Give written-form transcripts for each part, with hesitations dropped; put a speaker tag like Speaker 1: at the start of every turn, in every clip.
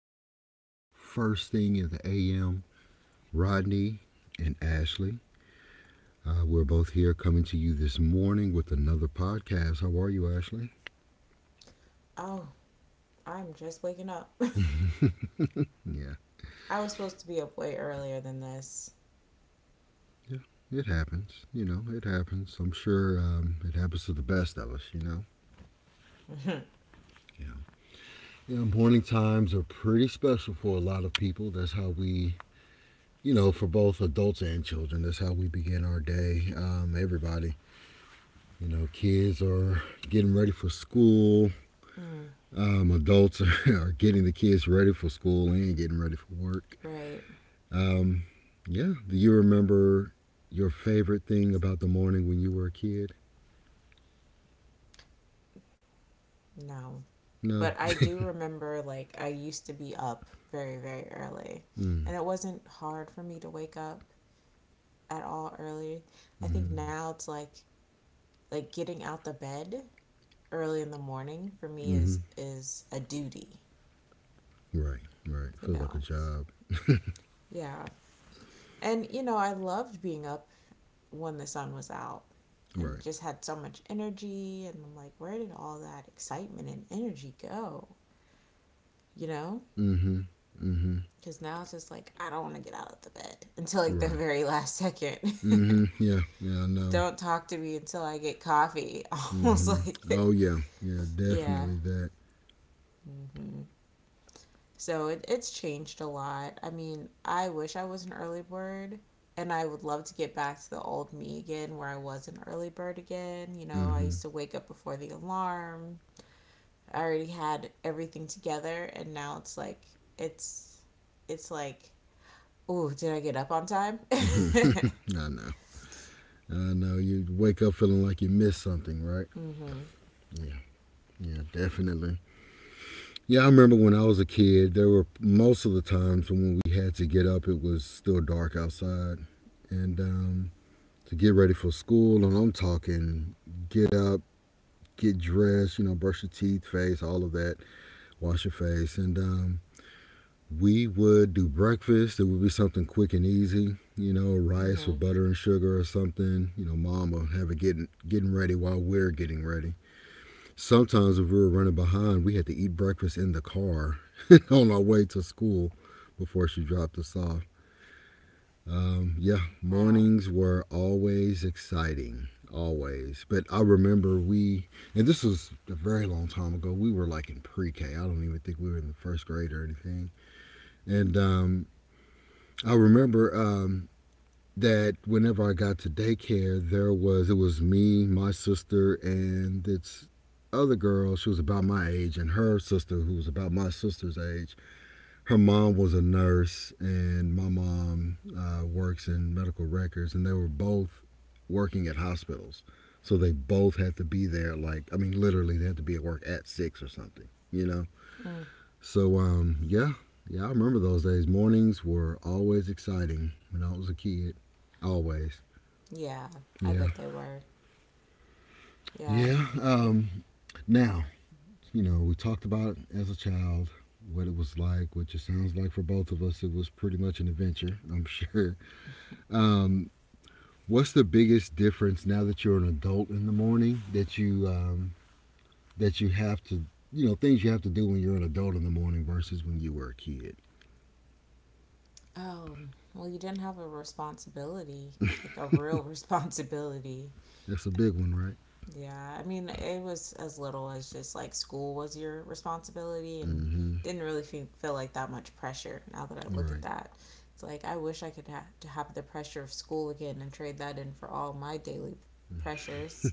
Speaker 1: here first thing in the AM. Rodney and Ashley, we're both here coming to you this morning with another podcast. How are you, Ashley?
Speaker 2: Oh, I'm just waking up.
Speaker 1: Yeah,
Speaker 2: I was supposed to be up way earlier than this.
Speaker 1: yeah, it happens. You know, it happens. I'm sure it happens to the best of us. You know. Yeah. Yeah. Morning times are pretty special for a lot of people. That's how we. You know, for both adults and children, that's how we begin our day. Everybody. You know, kids are getting ready for school.
Speaker 2: Mm,
Speaker 1: Adults are getting the kids ready for school and getting ready for work.
Speaker 2: right.
Speaker 1: Um, yeah. Do you remember your favorite thing about the morning when you were a kid?
Speaker 2: No.
Speaker 1: No.
Speaker 2: But I do remember, like, I used to be up very, very early.
Speaker 1: Mm,
Speaker 2: And it wasn't hard for me to wake up at all early. I think
Speaker 1: hmm
Speaker 2: now it's like getting out the bed early in the morning for me
Speaker 1: hmm
Speaker 2: is a duty,
Speaker 1: Right. Right.
Speaker 2: you
Speaker 1: Feels like a
Speaker 2: know.
Speaker 1: job.
Speaker 2: Yeah. And I loved being up when the sun was out,
Speaker 1: Right.
Speaker 2: and just had so much energy. And I'm like, where did all that excitement and energy go? You know?
Speaker 1: Mm-hmm. Mm-hmm.
Speaker 2: Because now it's just like, I don't want to get out of the bed until like the
Speaker 1: Right.
Speaker 2: very last second.
Speaker 1: Mm-hmm. Yeah. Yeah. I know.
Speaker 2: Don't talk to me until I get coffee. Almost
Speaker 1: Mm-hmm. Oh
Speaker 2: like,
Speaker 1: yeah. Yeah.
Speaker 2: yeah.
Speaker 1: Definitely that.
Speaker 2: Mm-hmm. So it's changed a lot. I mean, I wish I was an early bird. And I would love to get back to the old me again, where I was an early bird again. You know, I
Speaker 1: Mm-hmm.
Speaker 2: used to wake up before the alarm, I already had everything together, and now it's it's like, oh, did I get up on time? Mm-hmm.
Speaker 1: I know. I know you wake up feeling like you missed something, right? Yeah, yeah, definitely. Yeah, I remember when I was a kid, there were most of the times when we had to get up, it was still dark outside. And to get ready for school, and I'm talking get up, get dressed, you know, brush your teeth, face, all of that, wash your face. And we would do breakfast. It would be something quick and easy, you know, rice
Speaker 2: Mm-hmm.
Speaker 1: with butter and sugar or something. You know, mom would have it getting ready while we're getting ready. Sometimes if we were running behind, we had to eat breakfast in the car on our way to school before she dropped us off. Yeah,
Speaker 2: Wow.
Speaker 1: mornings were always exciting, always. But I remember we, and this was a very long time ago. We were like in pre-K. I don't even think we were in the first grade or anything. And I remember that whenever I got to daycare, there was it was me, my sister, and this other girl. She was about my age, and her sister, who was about my sister's age. Her mom was a nurse, and my mom works in medical records, and they were both working at hospitals. So they both had to be there. Like I mean, literally, they had to be at work at six or something. You know.
Speaker 2: Mm.
Speaker 1: So yeah, yeah, I remember those days. Mornings were always exciting when I was a kid. Always.
Speaker 2: Yeah, I
Speaker 1: Yeah.
Speaker 2: bet they were. Yeah.
Speaker 1: Yeah.
Speaker 2: Oof.
Speaker 1: Now, you know, we talked about it as a child, what it was like, which it sounds like for both of us, it was pretty much an adventure, I'm sure. Um, what's the biggest difference now that you're an adult in the morning that you have to, you know, things you have to do when you're an adult in the morning versus when you were a kid?
Speaker 2: Oh, well, you didn't have a responsibility, like a real responsibility.
Speaker 1: That's a big one, right?
Speaker 2: Yeah, I mean, it was as little as just like school was your responsibility, and
Speaker 1: Mm-hmm.
Speaker 2: didn't really feel like that much pressure now that I look at
Speaker 1: Right.
Speaker 2: that. It's like I wish I could to have the pressure of school again and trade that in for all my daily pressures.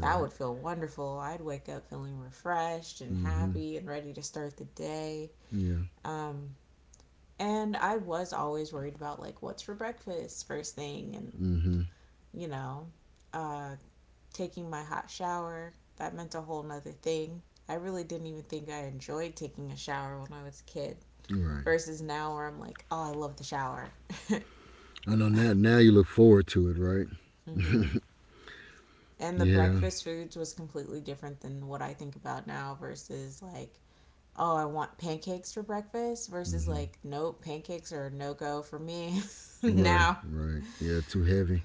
Speaker 2: That
Speaker 1: right.
Speaker 2: would feel wonderful. I'd wake up feeling refreshed and
Speaker 1: Mm-hmm.
Speaker 2: happy and ready to start the day.
Speaker 1: Yeah.
Speaker 2: Um, and I was always worried about like what's for breakfast first thing, and
Speaker 1: Mm-hmm.
Speaker 2: you know, uh taking my hot shower. That meant a whole nother thing. I really didn't even think I enjoyed taking a shower when I was a kid
Speaker 1: Right.
Speaker 2: versus now where I'm like, oh, I love the shower.
Speaker 1: I know now. Now you look forward to it, right?
Speaker 2: Mm-hmm. And the
Speaker 1: yeah.
Speaker 2: breakfast foods was completely different than what I think about now versus like, oh, I want pancakes for breakfast versus
Speaker 1: hmm
Speaker 2: like, nope, pancakes are no go for me
Speaker 1: Right.
Speaker 2: now.
Speaker 1: Right. Yeah. Too heavy.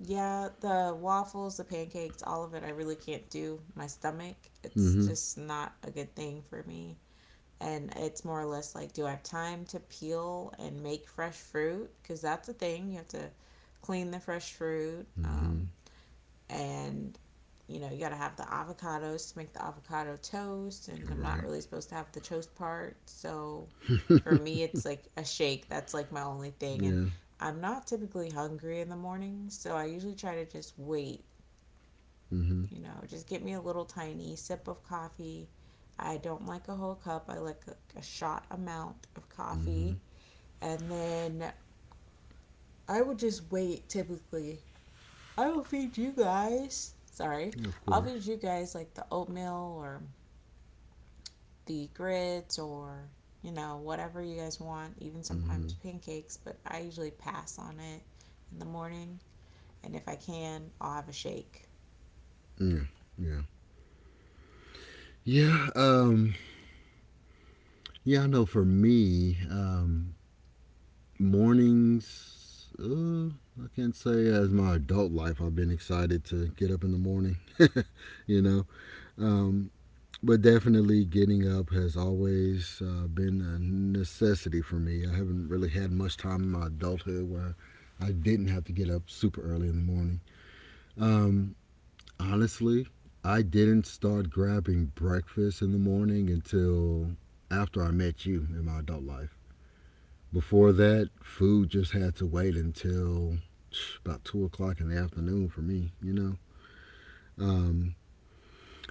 Speaker 2: Yeah, the waffles, the pancakes, all of it, I really can't do. My stomach, it's
Speaker 1: hmm
Speaker 2: just not a good thing for me. And it's more or less like, do I have time to peel and make fresh fruit, because that's a thing. You have to clean the fresh fruit,
Speaker 1: hmm
Speaker 2: and you know, you got to have the avocados to make the avocado toast, and I'm not
Speaker 1: Right.
Speaker 2: really supposed to have the toast part. So for me, it's like a shake. That's like my only thing. And
Speaker 1: Yeah.
Speaker 2: I'm not typically hungry in the morning, so I usually try to just wait.
Speaker 1: hmm
Speaker 2: Just get me a little tiny sip of coffee. I don't like a whole cup. I like a shot amount of
Speaker 1: hmm
Speaker 2: coffee. And then I would just wait typically. I will feed you guys. Sorry.
Speaker 1: Of
Speaker 2: I'll
Speaker 1: course.
Speaker 2: feed you guys like the oatmeal or the grits or, whatever you guys want, even
Speaker 1: hmm
Speaker 2: sometimes pancakes, but I usually pass on it in the morning. And if I can, I'll have a shake.
Speaker 1: Yeah. Yeah. Yeah. Um. Yeah. I know. For me, mornings. Uh, I can't say as my adult life I've been excited to get up in the morning. you know, um, but definitely, getting up has always been a necessity for me. I haven't really had much time in my adulthood where I didn't have to get up super early in the morning. Um, honestly, I didn't start grabbing breakfast in the morning until after I met you in my adult life. Before that, food just had to wait until about 2 o'clock in the afternoon for me, you know? Um,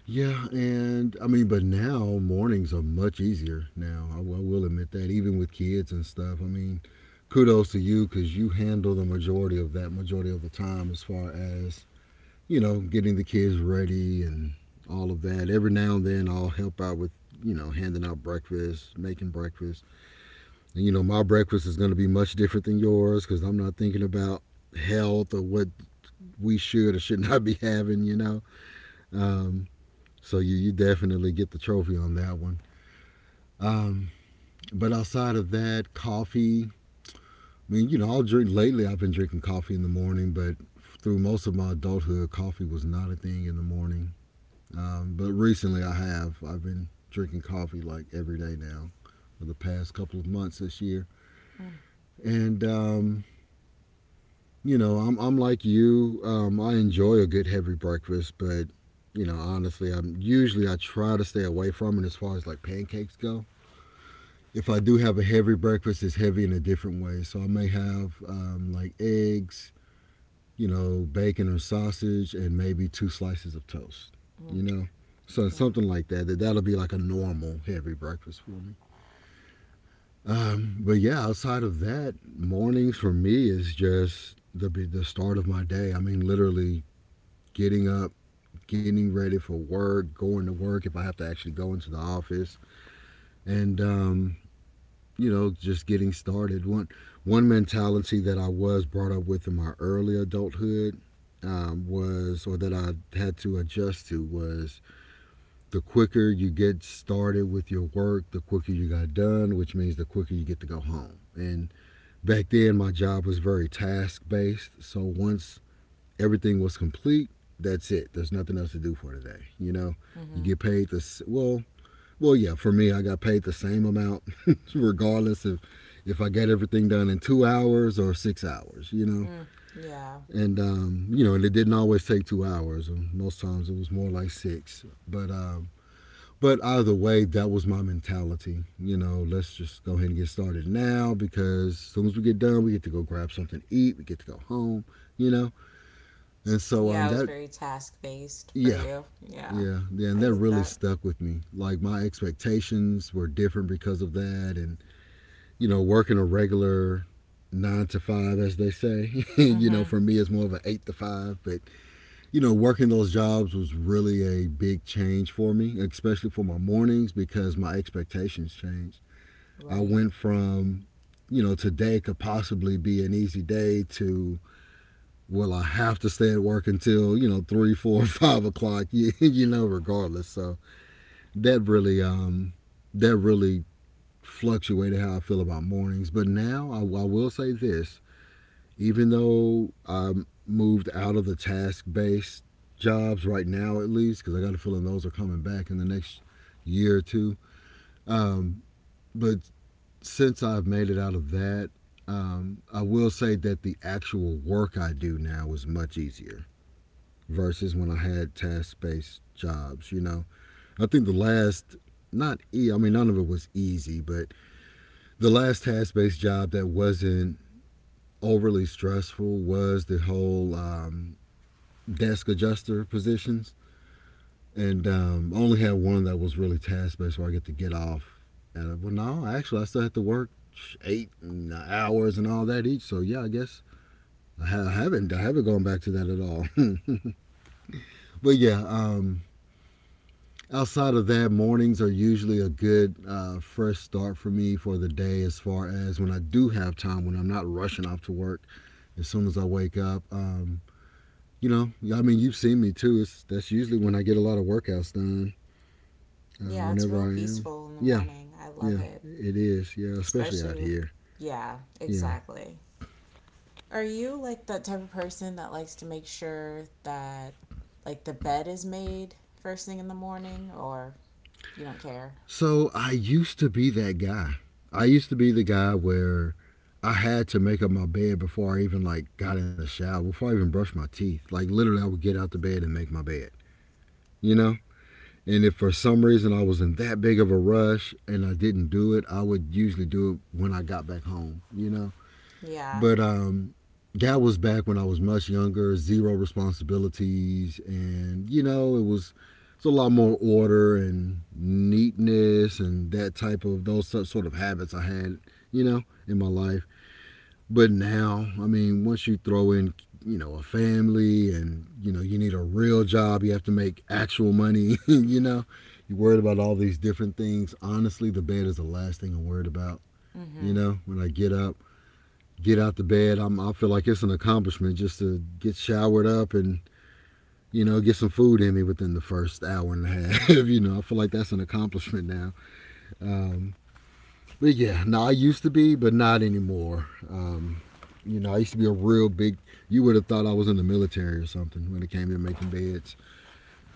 Speaker 1: Yeah, and I mean, but now mornings are much easier. Now I will admit that, even with kids and stuff. I mean, kudos to you because you handle the majority of that majority of the time as far as, you know, getting the kids ready and all of that. Every now and then I'll help out with, you know, handing out breakfast, making breakfast. And you know my breakfast is going to be much different than yours because I'm not thinking about health or what we should or should not be having. You know, um, so you definitely get the trophy on that one. Um, but outside of that, coffee. I mean, you know, I'll drink lately. I've been drinking coffee in the morning, but through most of my adulthood, coffee was not a thing in the morning. But recently, I have. I've been drinking coffee like every day now for the past couple of months this year.
Speaker 2: Mm,
Speaker 1: And you know, I'm like you. I enjoy a good heavy breakfast, but you know, honestly, I'm usually I try to stay away from it as far as like pancakes go. If I do have a heavy breakfast, it's heavy in a different way. So I may have like eggs, you know, bacon or sausage, and maybe two slices of toast,
Speaker 2: mm,
Speaker 1: you know? So
Speaker 2: yeah.
Speaker 1: something like that, that'll be like a normal heavy breakfast for me. But yeah, outside of that, mornings for me is just the start of my day. I mean, literally getting up, getting ready for work, going to work if I have to actually go into the office, and you know, just getting started. One mentality that I was brought up with in my early adulthood was, or that I had to adjust to, was the quicker you get started with your work, the quicker you got done, which means the quicker you get to go home. And back then, my job was very task based. So once everything was complete, that's it. There's nothing else to do for today. You know, you
Speaker 2: Mm-hmm.
Speaker 1: get paid to, well, well, yeah, for me, I got paid the same amount, regardless if I got everything done in 2 hours or 6 hours, you know.
Speaker 2: Mm, yeah.
Speaker 1: And you know, and it didn't always take 2 hours. Most times it was more like six. But either way, that was my mentality. You know, let's just go ahead and get started now because as soon as we get done, we get to go grab something to eat. We get to go home. You know, and so
Speaker 2: Yeah, it was
Speaker 1: that
Speaker 2: very task based for
Speaker 1: yeah,
Speaker 2: you. Yeah,
Speaker 1: yeah, and
Speaker 2: I
Speaker 1: that
Speaker 2: get
Speaker 1: really
Speaker 2: that.
Speaker 1: stuck with me. Like my expectations were different because of that, and you know, working a regular 9 to 5, as they say. you know,
Speaker 2: Mm-hmm.
Speaker 1: for me, it's more of an 8 to 5. But, you know, working those jobs was really a big change for me, especially for my mornings because my expectations changed. I
Speaker 2: Right.
Speaker 1: went from, you know, today could possibly be an easy day to, well, I have to stay at work until, you know, three, four, 5 o'clock, you know, regardless. So that really, um, that really fluctuated how I feel about mornings. But now I will say this, even though I moved out of the task based jobs right now, at least, because I got a feeling those are coming back in the next year or two. Um, but since I've made it out of that, I will say that the actual work I do now is much easier versus when I had task based jobs. You know, I think not e, I mean, none of it was easy, but the last task based job that wasn't overly stressful was the whole desk adjuster positions, and only had one that was really task based where I get to get off. And well, no, actually, I still had to work 8 hours and all that each. So yeah, I guess I haven't gone back to that at all. but yeah, outside of that, mornings are usually a good fresh start for me for the day. As far as when I do have time, when I'm not rushing off to work, as soon as I wake up. You know, I mean, you've seen me too. It's that's usually when I get a lot of workouts done.
Speaker 2: Yeah, it's
Speaker 1: Whenever
Speaker 2: real
Speaker 1: I am.
Speaker 2: peaceful in the
Speaker 1: Yeah,
Speaker 2: morning. I love
Speaker 1: yeah,
Speaker 2: it.
Speaker 1: it is. Yeah, especially
Speaker 2: Especially,
Speaker 1: out here.
Speaker 2: yeah,
Speaker 1: Yeah.
Speaker 2: exactly. Are you like that type of person that likes to make sure that like the bed is made first thing in the morning, or you don't care?
Speaker 1: So I used to be that guy. I used to be the guy where I had to make up my bed before I even like got in the shower, before I even brushed my teeth. Like literally, I would get out the bed and make my bed. You know. And if for some reason I was in that big of a rush and I didn't do it, I would usually do it when I got back home. You know.
Speaker 2: Yeah.
Speaker 1: But that was back when I was much younger, zero responsibilities, and you know it's a lot more order and neatness and that type of those sort of habits I had, you know, in my life. But now, I mean, once you throw in, you know, a family, and you know you need a real job, you have to make actual money, you know, you're worried about all these different things. Honestly, the bed is the last thing I'm worried about. You
Speaker 2: Mm-hmm.
Speaker 1: know, when I get up, get out the bed. I feel like it's an accomplishment just to get showered up and you know get some food in me within the first hour and a half. you know, I feel like that's an accomplishment now. Um, but yeah, no, I used to be, but not anymore. You know, I used to be a real big. You would have thought I was in the military or something when it came to making beds,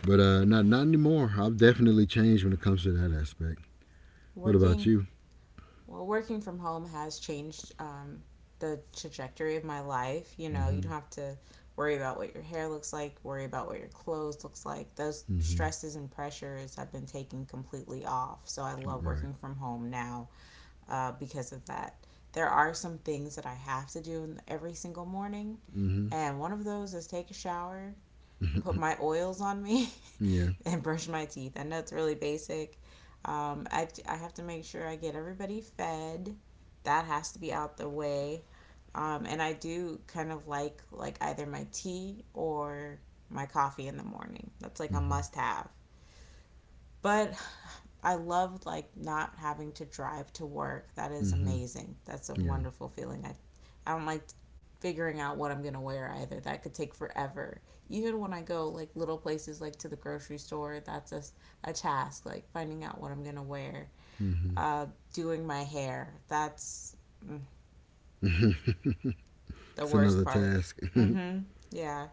Speaker 1: but not anymore. I've definitely changed when it comes to that aspect. What about
Speaker 2: Working
Speaker 1: you?
Speaker 2: Well, working from home has changed the trajectory of my life. You know, you
Speaker 1: Mm-hmm.
Speaker 2: don't have to worry about what your hair looks like, worry about what your clothes looks like. Those
Speaker 1: Mm-hmm.
Speaker 2: stresses and pressures have been taken completely off. So I love
Speaker 1: Right.
Speaker 2: working from home now, because of that. There are some things that I have to do every single morning,
Speaker 1: Mm-hmm.
Speaker 2: and one of those is take a shower, and put my oils on me
Speaker 1: Yeah.
Speaker 2: and brush my teeth. I know it's really basic. I have to make sure I get everybody fed. That has to be out the way. And I do kind of like either my tea or my coffee in the morning. That's like a
Speaker 1: Mm-hmm.
Speaker 2: must have. But I love like not having to drive to work. That is
Speaker 1: Mm-hmm.
Speaker 2: amazing. That's a
Speaker 1: Yeah.
Speaker 2: wonderful feeling. I don't like figuring out what I'm going to wear either. That could take forever. Even when I go like little places like to the grocery store, that's a task like finding out what I'm going to wear.
Speaker 1: Mm-hmm.
Speaker 2: Uh Doing my hair. That's mm, the
Speaker 1: It's
Speaker 2: worst
Speaker 1: another
Speaker 2: part.
Speaker 1: task.
Speaker 2: Mhm. Yeah.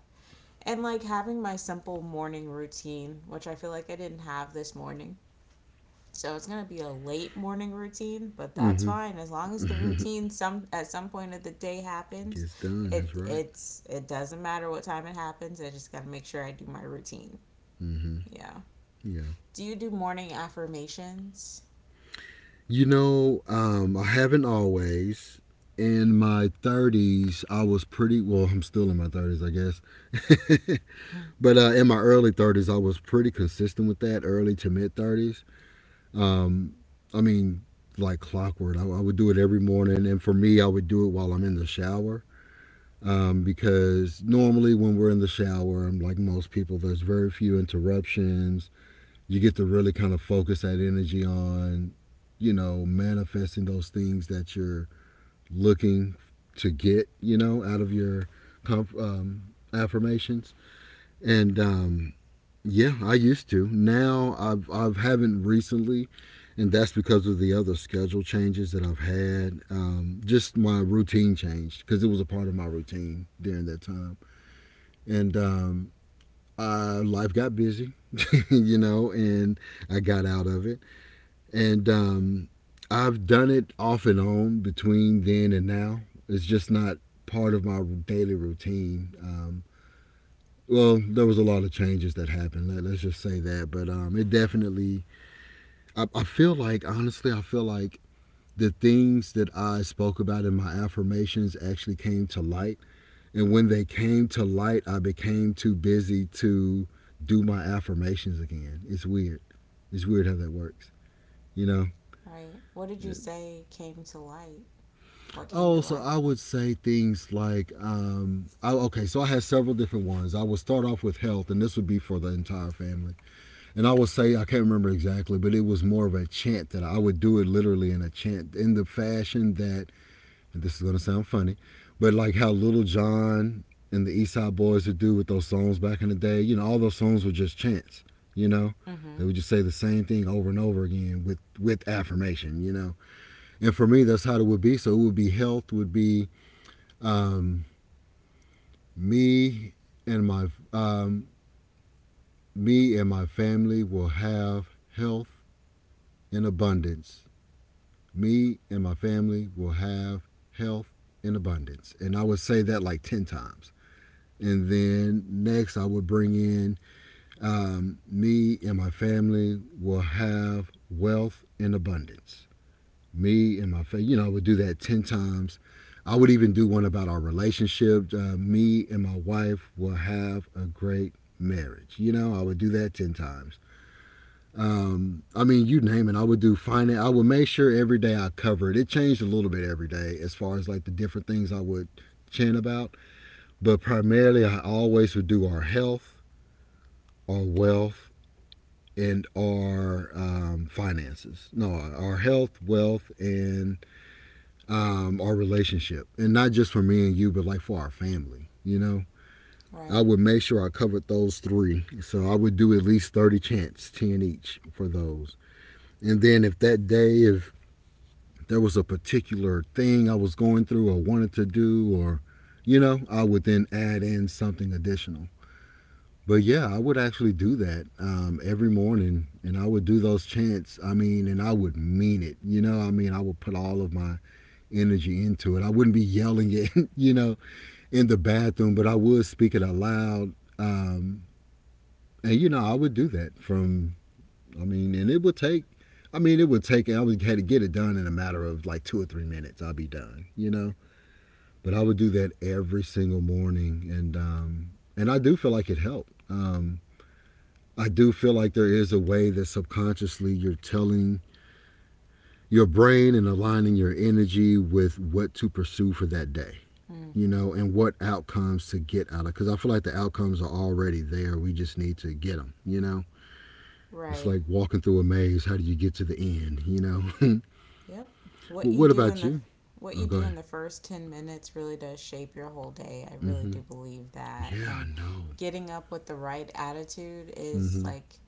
Speaker 2: And like having my simple morning routine, which I feel like I didn't have this morning. So it's gonna be a late morning routine, but that's
Speaker 1: Mm-hmm.
Speaker 2: fine as long as the routine some at some point of the day happens.
Speaker 1: Gets done. That's
Speaker 2: It
Speaker 1: right.
Speaker 2: it's it doesn't matter what time it happens. I just gotta make sure I do my routine.
Speaker 1: Mm-hmm.
Speaker 2: Yeah.
Speaker 1: Yeah.
Speaker 2: Do you do morning affirmations?
Speaker 1: You know, I haven't always. In my 30s, I was pretty well, I'm still in my 30s, I guess. but uh, in my early 30s, I was pretty consistent with that, early to mid 30s. Um, I mean, like clockwork. I would do it every morning. And for me, I would do it while I'm in the shower, because normally when we're in the shower, I'm like most people, there's very few interruptions. You get to really kind of focus that energy on, you know, manifesting those things that you're looking to get, you know, out of your affirmations. And Yeah, I used to. Now I've haven't recently, and that's because of the other schedule changes that I've had. Just my routine changed because it was a part of my routine during that time, and life got busy. You know, and I got out of it, and I've done it off and on between then and now. It's just not part of my daily routine. Well, there was a lot of changes that happened. Let, us just say that, but it definitely. I feel like honestly, I feel like the things that I spoke about in my affirmations actually came to light, and when they came to light, I became too busy to do my affirmations again. It's weird. It's weird how that works. You know,
Speaker 2: Right. What did you say came to light? What came
Speaker 1: oh,
Speaker 2: to
Speaker 1: so
Speaker 2: light?
Speaker 1: I would say things like, okay, so I had several different ones. I would start off with health, and this would be for the entire family. And I would say, I can't remember exactly, but it was more of a chant that I would do it literally in a chant, in the fashion that, and this is going to sound funny, but like how Little John and the East Side Boys would do with those songs back in the day. You know, all those songs were just chants, you know?
Speaker 2: Mm-hmm.
Speaker 1: They would just say the same thing over and over again with, affirmation, you know? And for me, that's how it would be. So it would be health, would be um, me and my um, me and my family will have health in abundance. Me and my family will have health in abundance. And I would say that like 10 times. And then next, I would bring in me and my family will have wealth in abundance. Me and my family, you know, I would do that 10 times. I would even do one about our relationship. Me and my wife will have a great marriage. You know, I would do that 10 times. I mean, you name it. I would do finance. I would make sure every day I covered. It changed a little bit every day as far as like the different things I would chant about. But primarily, I always would do our health, our wealth, and our finances. No, our health, wealth, and our relationship, and not just for me and you, but like for our family. You know, I
Speaker 2: Right.
Speaker 1: would make sure I covered those three. So I would do at least 30 chants, 10 each for those. And then if that day, if there was a particular thing I was going through or wanted to do, or you know, I would then add in something additional. But yeah, I would actually do that every morning, and I would do those chants. I mean, and I would mean it. You know, I mean, I would put all of my energy into it. I wouldn't be yelling it, you know, in the bathroom, but I would speak it aloud. Um, and you know, I would do that from. I mean, and it would take. I mean, it would take. I would had to get it done in a matter of like 2 or 3 minutes. I'd be done, you know. But I would do that every single morning, and I do feel like it helped. I do feel like there is a way that subconsciously you're telling your brain and aligning your energy with what to pursue for that day,
Speaker 2: Mm.
Speaker 1: you know, and what outcomes to get out of. Because I feel like the outcomes are already there. We just need to get them, you know? It's
Speaker 2: Right.
Speaker 1: like walking through a maze. How do you get to the end, you know?
Speaker 2: Yep. What
Speaker 1: Well,
Speaker 2: you
Speaker 1: what
Speaker 2: do in
Speaker 1: about
Speaker 2: the
Speaker 1: you?
Speaker 2: what
Speaker 1: Oh,
Speaker 2: you
Speaker 1: go
Speaker 2: do in
Speaker 1: ahead.
Speaker 2: the first 10 minutes really does shape your whole day. I really
Speaker 1: Mm-hmm.
Speaker 2: do believe that.
Speaker 1: Yeah, I
Speaker 2: And
Speaker 1: know.
Speaker 2: getting up with the right attitude is
Speaker 1: Mm-hmm.
Speaker 2: like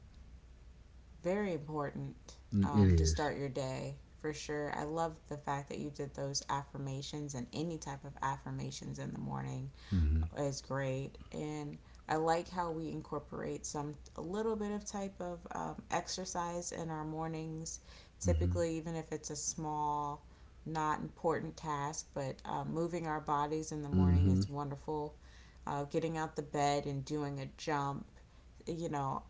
Speaker 2: very important,
Speaker 1: Mm,
Speaker 2: to
Speaker 1: hmm is.
Speaker 2: start your day for sure. I love the fact that you did those affirmations, and any type of affirmations in the morning
Speaker 1: Mm-hmm.
Speaker 2: is great. And I like how we incorporate some a little bit of type of exercise in our mornings,
Speaker 1: Mm-hmm.
Speaker 2: typically. Even if it's a small, not important task, but moving our bodies in the morning
Speaker 1: Mm-hmm.
Speaker 2: is wonderful. Getting out the bed and doing a jump, you know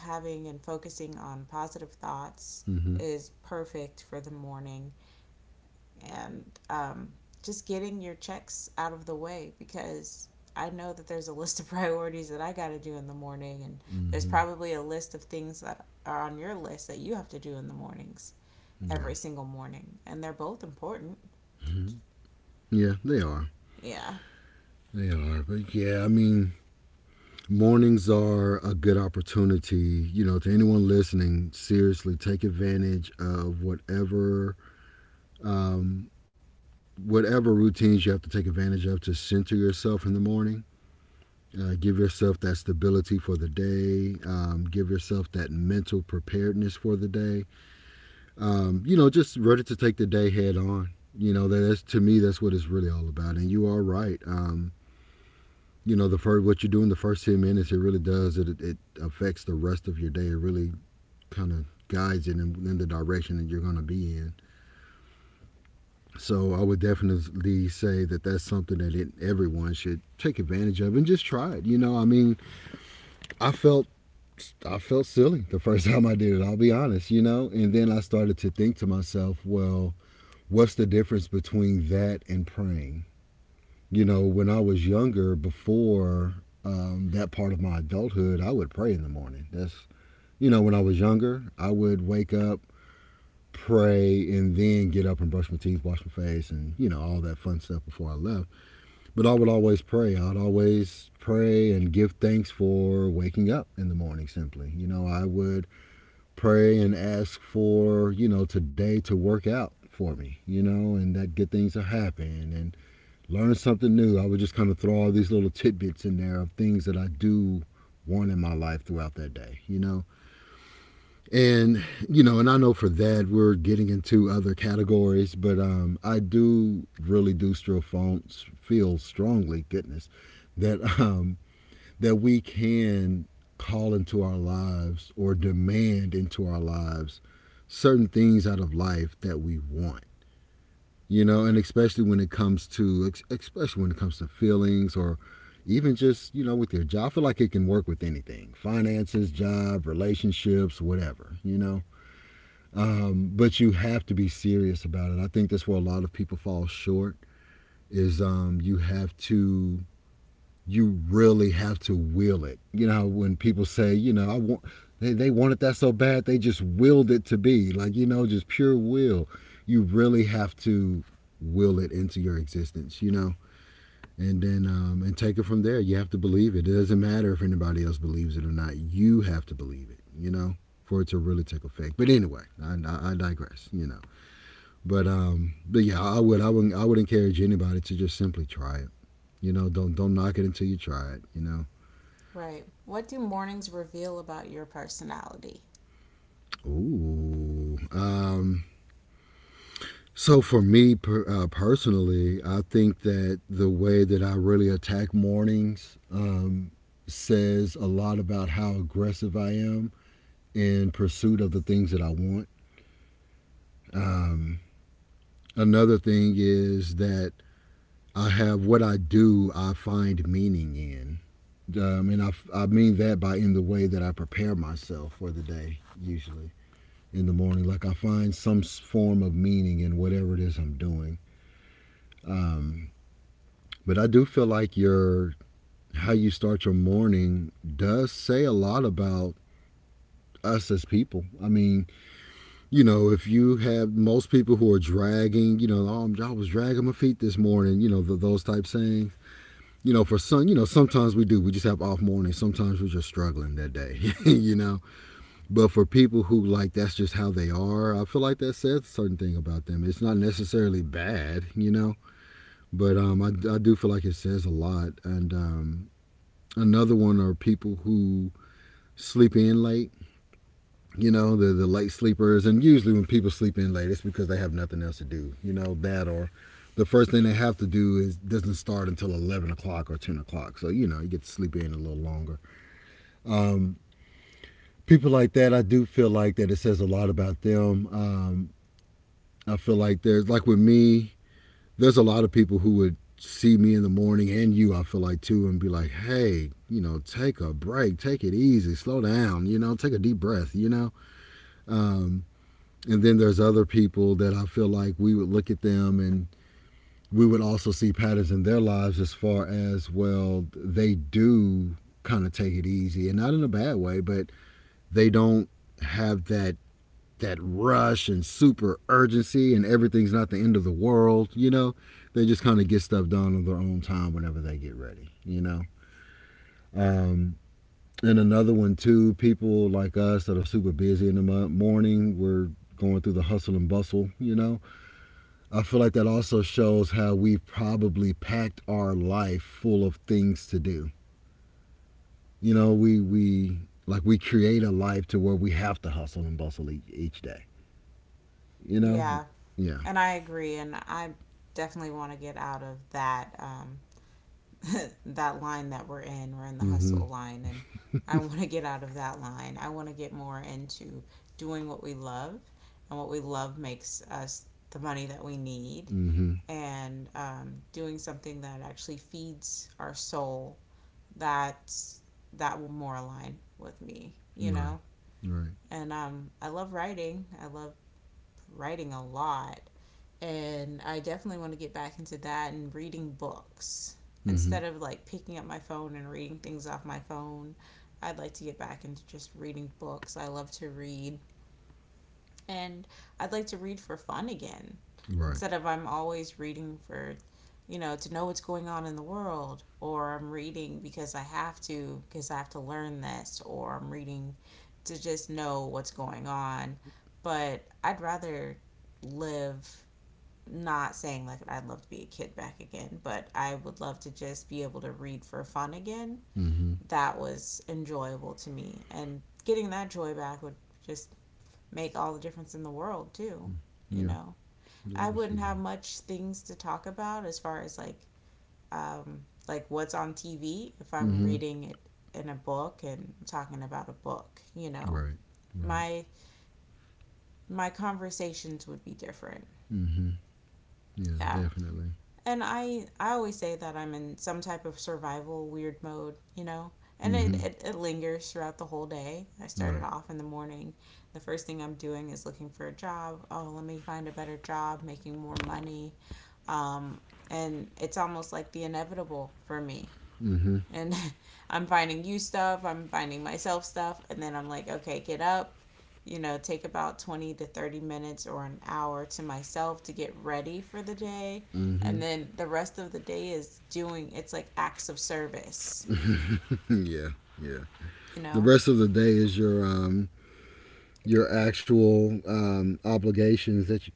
Speaker 2: having and focusing on positive thoughts
Speaker 1: Mm-hmm.
Speaker 2: is perfect for the morning. And just getting your checks out of the way, because I know that there's a list of priorities that I got to do in the morning, and there's
Speaker 1: Mm-hmm.
Speaker 2: probably a list of things that are on your list that you have to do in the mornings
Speaker 1: Yeah.
Speaker 2: every single morning, and they're both important.
Speaker 1: Mm-hmm. Yeah, they are.
Speaker 2: Yeah,
Speaker 1: They are. But yeah, I mean, mornings are a good opportunity. You know, to anyone listening, seriously, take advantage of um, whatever routines you have to take advantage of to center yourself in the morning. Give yourself that stability for the day. Give yourself that mental preparedness for the day. You know, just ready to take the day head on. You know, that's to me, that's what it's really all about. And you are right. You know, the first what you do in the first 10 minutes, it really does. It affects the rest of your day. It really kind of guides it in the direction that you're going to be in. So I would definitely say that that's something that everyone should take advantage of and just try it. You know, I mean, I felt I felt silly the first time I did it. I'll be honest, you know. And then I started to think to myself, well, what's the difference between that and praying? You know, when I was younger, before that part of my adulthood, I would pray in the morning. That's You know, when I was younger, I would wake up, pray, and then get up and brush my teeth, wash my face, and you know all that fun stuff before I left. But I would always pray. I'd always pray and give thanks for waking up in the morning simply. You know, I would pray and ask for, you know, today to work out for me, you know, and that good things will happen, and learn something new. I would just kind of throw all these little tidbits in there of things that I do want in my life throughout that day, you know, and you know, and I know for that we're getting into other categories, but I do really do still feel strongly, goodness, that that we can call into our lives, or demand into our lives, certain things out of life that we want, you know. And especially when it comes to feelings, or even just you know with your job, I feel like it can work with anything: finances, job, relationships, whatever, you know. But you have to be serious about it. I think that's where a lot of people fall short is, you really have to will it. You know, when people say, you know, they wanted that so bad, they just willed it to be. Like, you know, just pure will. You really have to will it into your existence, you know? And then and take it from there. You have to believe it. It doesn't matter if anybody else believes it or not. You have to believe it, you know, for it to really take effect. But anyway, I digress, you know. But yeah, I would encourage anybody to just simply try it. You know, don't knock it until you try it. You know.
Speaker 2: right. What do mornings reveal about your personality?
Speaker 1: Ooh. So for me personally, I think that the way that I really attack mornings says a lot about how aggressive I am in pursuit of the things that I want. Um, Another thing is that I have what I do, I find meaning in. And I mean that by in the way that I prepare myself for the day, usually in the morning. Like I find some form of meaning in whatever it is I'm doing. Um, but I do feel like your how you start your morning does say a lot about us as people. I mean, you know, if you have most people who are dragging, you know, oh, I was dragging my feet this morning, you know, th those type sayings. You know, for some, you know, sometimes we do. We just have off mornings. Sometimes we're just struggling that day, you know. But for people who like that's just how they are, I feel like that says a certain thing about them. It's not necessarily bad, you know, but I do feel like it says a lot. And another one are people who sleep in late, you know, the late sleepers. And usually when people sleep in late, it's because they have nothing else to do, you know, that or the first thing they have to do is doesn't start until 11 o'clock or 10 o'clock. So, you know, you get to sleep in a little longer. Um, People like that, I do feel like that it says a lot about them. I feel like there's like with me, there's a lot of people who would see me in the morning and you I feel like too and be like, "Hey, you know, take a break, take it easy, slow down, you know, take a deep breath, you know." Um and then there's other people that I feel like we would look at them and we would also see patterns in their lives as far as well they do kind of take it easy and not in a bad way, but they don't have that rush and super urgency and everything's not the end of the world, you know. They just kind of get stuff done on their own time whenever they get ready, you know. Um, and another one too, people like us that are super busy in the morning, we're going through the hustle and bustle, you know. I feel like that also shows how we've probably packed our life full of things to do. You know, we like we create a life to where we have to hustle and bustle each day, you know.
Speaker 2: Yeah,
Speaker 1: Yeah.
Speaker 2: and I agree, and I definitely want to get out of that, that line that we're in. We're in the
Speaker 1: Mhm.
Speaker 2: hustle line, and I want to get out of that line. I want to get more into doing what we love, and what we love makes us the money that we need,
Speaker 1: Mm-hmm.
Speaker 2: and doing something that actually feeds our soul. That that will more align with me, you
Speaker 1: Right.
Speaker 2: know.
Speaker 1: Right.
Speaker 2: And I love writing. I love writing a lot, and I definitely want to get back into that, and reading books
Speaker 1: Mm-hmm.
Speaker 2: instead of like picking up my phone and reading things off my phone. I'd like to get back into just reading books. I love to read, and I'd like to read for fun again
Speaker 1: Right.
Speaker 2: instead of I'm always reading for to know what's going on in the world, or I'm reading because I have to, because I have to learn this, or I'm reading to just know what's going on. But I'd rather live, not saying like I'd love to be a kid back again, but I would love to just be able to read for fun again.
Speaker 1: Mm-hmm.
Speaker 2: That was enjoyable to me. And getting that joy back would just make all the difference in the world, too. You
Speaker 1: Yeah.
Speaker 2: know,
Speaker 1: Yeah, I
Speaker 2: I
Speaker 1: can see
Speaker 2: wouldn't have
Speaker 1: that.
Speaker 2: much things to talk about as far as like, um, like, what's on TV if I'm
Speaker 1: Mm-hmm.
Speaker 2: reading it in a book and talking about a book.
Speaker 1: Right. Right.
Speaker 2: My my conversations would be different.
Speaker 1: Mm-hmm. Yeah,
Speaker 2: Yeah.
Speaker 1: definitely.
Speaker 2: And I always say that I'm in some type of survival weird mode, and it,
Speaker 1: Mm-hmm.
Speaker 2: it it lingers throughout the whole day. I started
Speaker 1: Right.
Speaker 2: off in the morning. The first thing I'm doing is looking for a job. Oh, let me find a better job, making more money. Um, and it's almost like the inevitable for me. And I'm finding you stuff, I'm finding myself stuff, and then I'm like, okay, get up, take about 20 to 30 minutes or an hour to myself to get ready for the day. And then the rest of the day is doing, it's like acts of service,
Speaker 1: Yeah. Yeah.
Speaker 2: you
Speaker 1: The
Speaker 2: know?
Speaker 1: rest of the day is your actual obligations that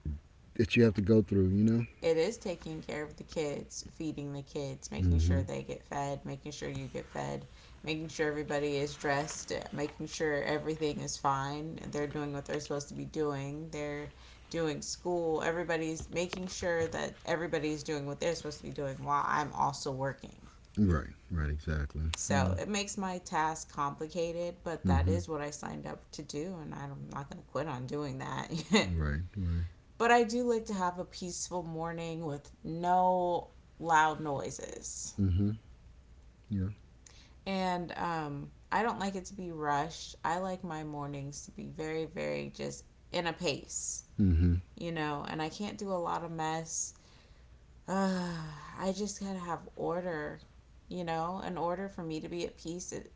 Speaker 1: that you have to go through. You know.
Speaker 2: It is taking care of the kids, feeding the kids, making
Speaker 1: Mm-hmm.
Speaker 2: sure they get fed, making sure you get fed, making sure everybody is dressed, making sure everything is fine. They're doing what they're supposed to be doing. They're doing school. Everybody's making sure that everybody's doing what they're supposed to be doing while I'm also working.
Speaker 1: Right. Right. Exactly. Yeah.
Speaker 2: So it makes my task complicated, but that
Speaker 1: Mm-hmm.
Speaker 2: is what I signed up to do, and I'm not going to quit on doing that.
Speaker 1: Right. Right.
Speaker 2: But I do like to have a peaceful morning with no loud noises.
Speaker 1: Mm-hmm. Yeah.
Speaker 2: And I don't like it to be rushed. I like my mornings to be very, very just in a pace,
Speaker 1: Mm-hmm.
Speaker 2: and I can't do a lot of mess. Uh, I just gotta have order, you know, in order for me to be at peace. It,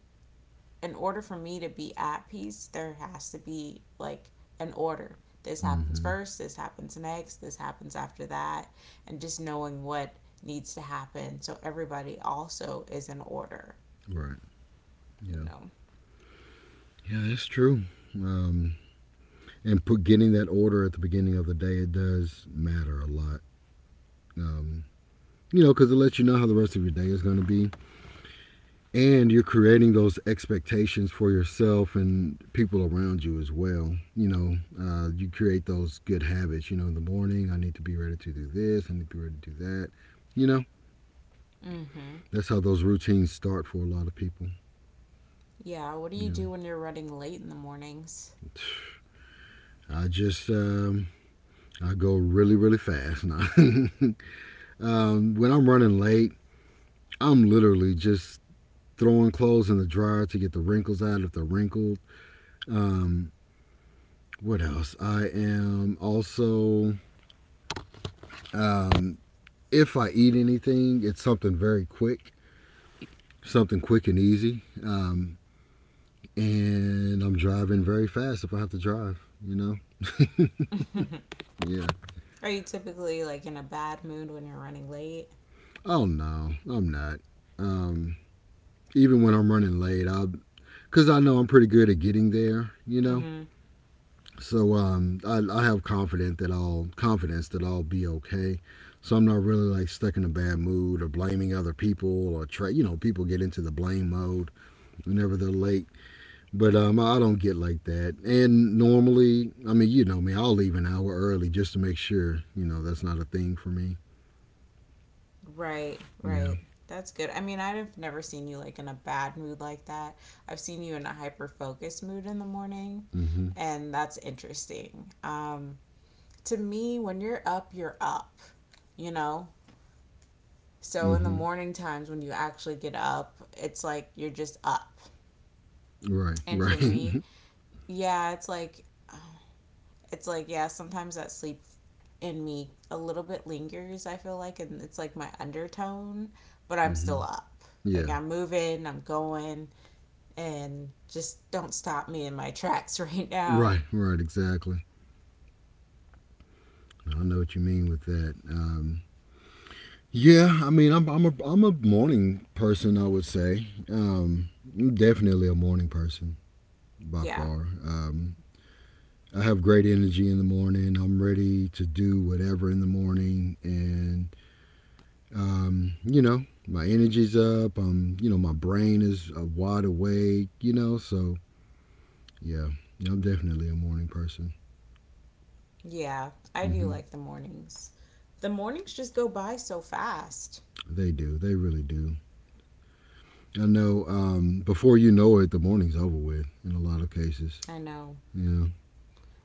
Speaker 2: in order for me to be at peace, there has to be like an order. This happens
Speaker 1: Mm-hmm.
Speaker 2: first, this happens next, this happens after that, and just knowing what needs to happen so everybody also is in order,
Speaker 1: Right.
Speaker 2: you
Speaker 1: Yeah.
Speaker 2: know.
Speaker 1: Yeah, that's true. Um, and put getting that order at the beginning of the day it does matter a lot, um, you know, because it lets you know how the rest of your day is going to be, and you're creating those expectations for yourself and people around you as well, you know. You create those good habits, you know. In the morning, I need to be ready to do this, I need to be ready to do that, you know.
Speaker 2: Mm-hmm.
Speaker 1: That's how those routines start for a lot of people,
Speaker 2: Yeah, what do
Speaker 1: you
Speaker 2: you
Speaker 1: know.
Speaker 2: do when you're running late in the mornings?
Speaker 1: I just, I go really really fast now. When I'm running late, I'm literally just throwing clothes in the dryer to get the wrinkles out if they're wrinkled. Um, what else? I am also, um, if I eat anything, it's something very quick, something quick and easy. And I'm driving very fast if I have to drive, you know? Yeah.
Speaker 2: Are you typically like in a bad mood when you're running late?
Speaker 1: Oh, no, I'm not. Um, Even when I'm running late, I because I know I'm pretty good at getting there, you know.
Speaker 2: Mm-hmm.
Speaker 1: So I have confidence that I'll be okay. So I'm not really like stuck in a bad mood or blaming other people or try. You know, people get into the blame mode whenever they're late, but I don't get like that. And normally, I mean, you know me, I'll leave an hour early just to make sure. You know, that's not a thing for me.
Speaker 2: Right,
Speaker 1: Yeah.
Speaker 2: right. That's good. I mean, I've never seen you like in a bad mood like that. I've seen you in a hyper focused mood in the morning,
Speaker 1: Mm-hmm.
Speaker 2: and that's interesting. To me, when you're up, you know? So in the
Speaker 1: Mm-hmm.
Speaker 2: morning times when you actually get up, it's like you're just up.
Speaker 1: Right.
Speaker 2: And for
Speaker 1: Right. Mm-hmm.
Speaker 2: me, yeah, it's like yeah, sometimes that sleep in me a little bit lingers. I feel like, and it's like my undertone, but I'm still up.
Speaker 1: Yeah.
Speaker 2: Like I'm moving, I'm going, and just don't stop me in my tracks right
Speaker 1: Right.
Speaker 2: now.
Speaker 1: Right. Exactly. I know what you mean with that. Yeah, I mean, I'm a morning person, I would say. I'm definitely a morning person by
Speaker 2: Yeah,
Speaker 1: far. I have great energy in the morning. I'm ready to do whatever in the morning, and you know, my energy's up. You know, my brain is wide awake. You know, so yeah, I'm definitely a morning person.
Speaker 2: yeah, I do
Speaker 1: Hmm.
Speaker 2: like the mornings. The mornings just go by so fast.
Speaker 1: They do. They really do. I know. Before you know it, the morning's over with in a lot of cases.
Speaker 2: I know.
Speaker 1: Yeah.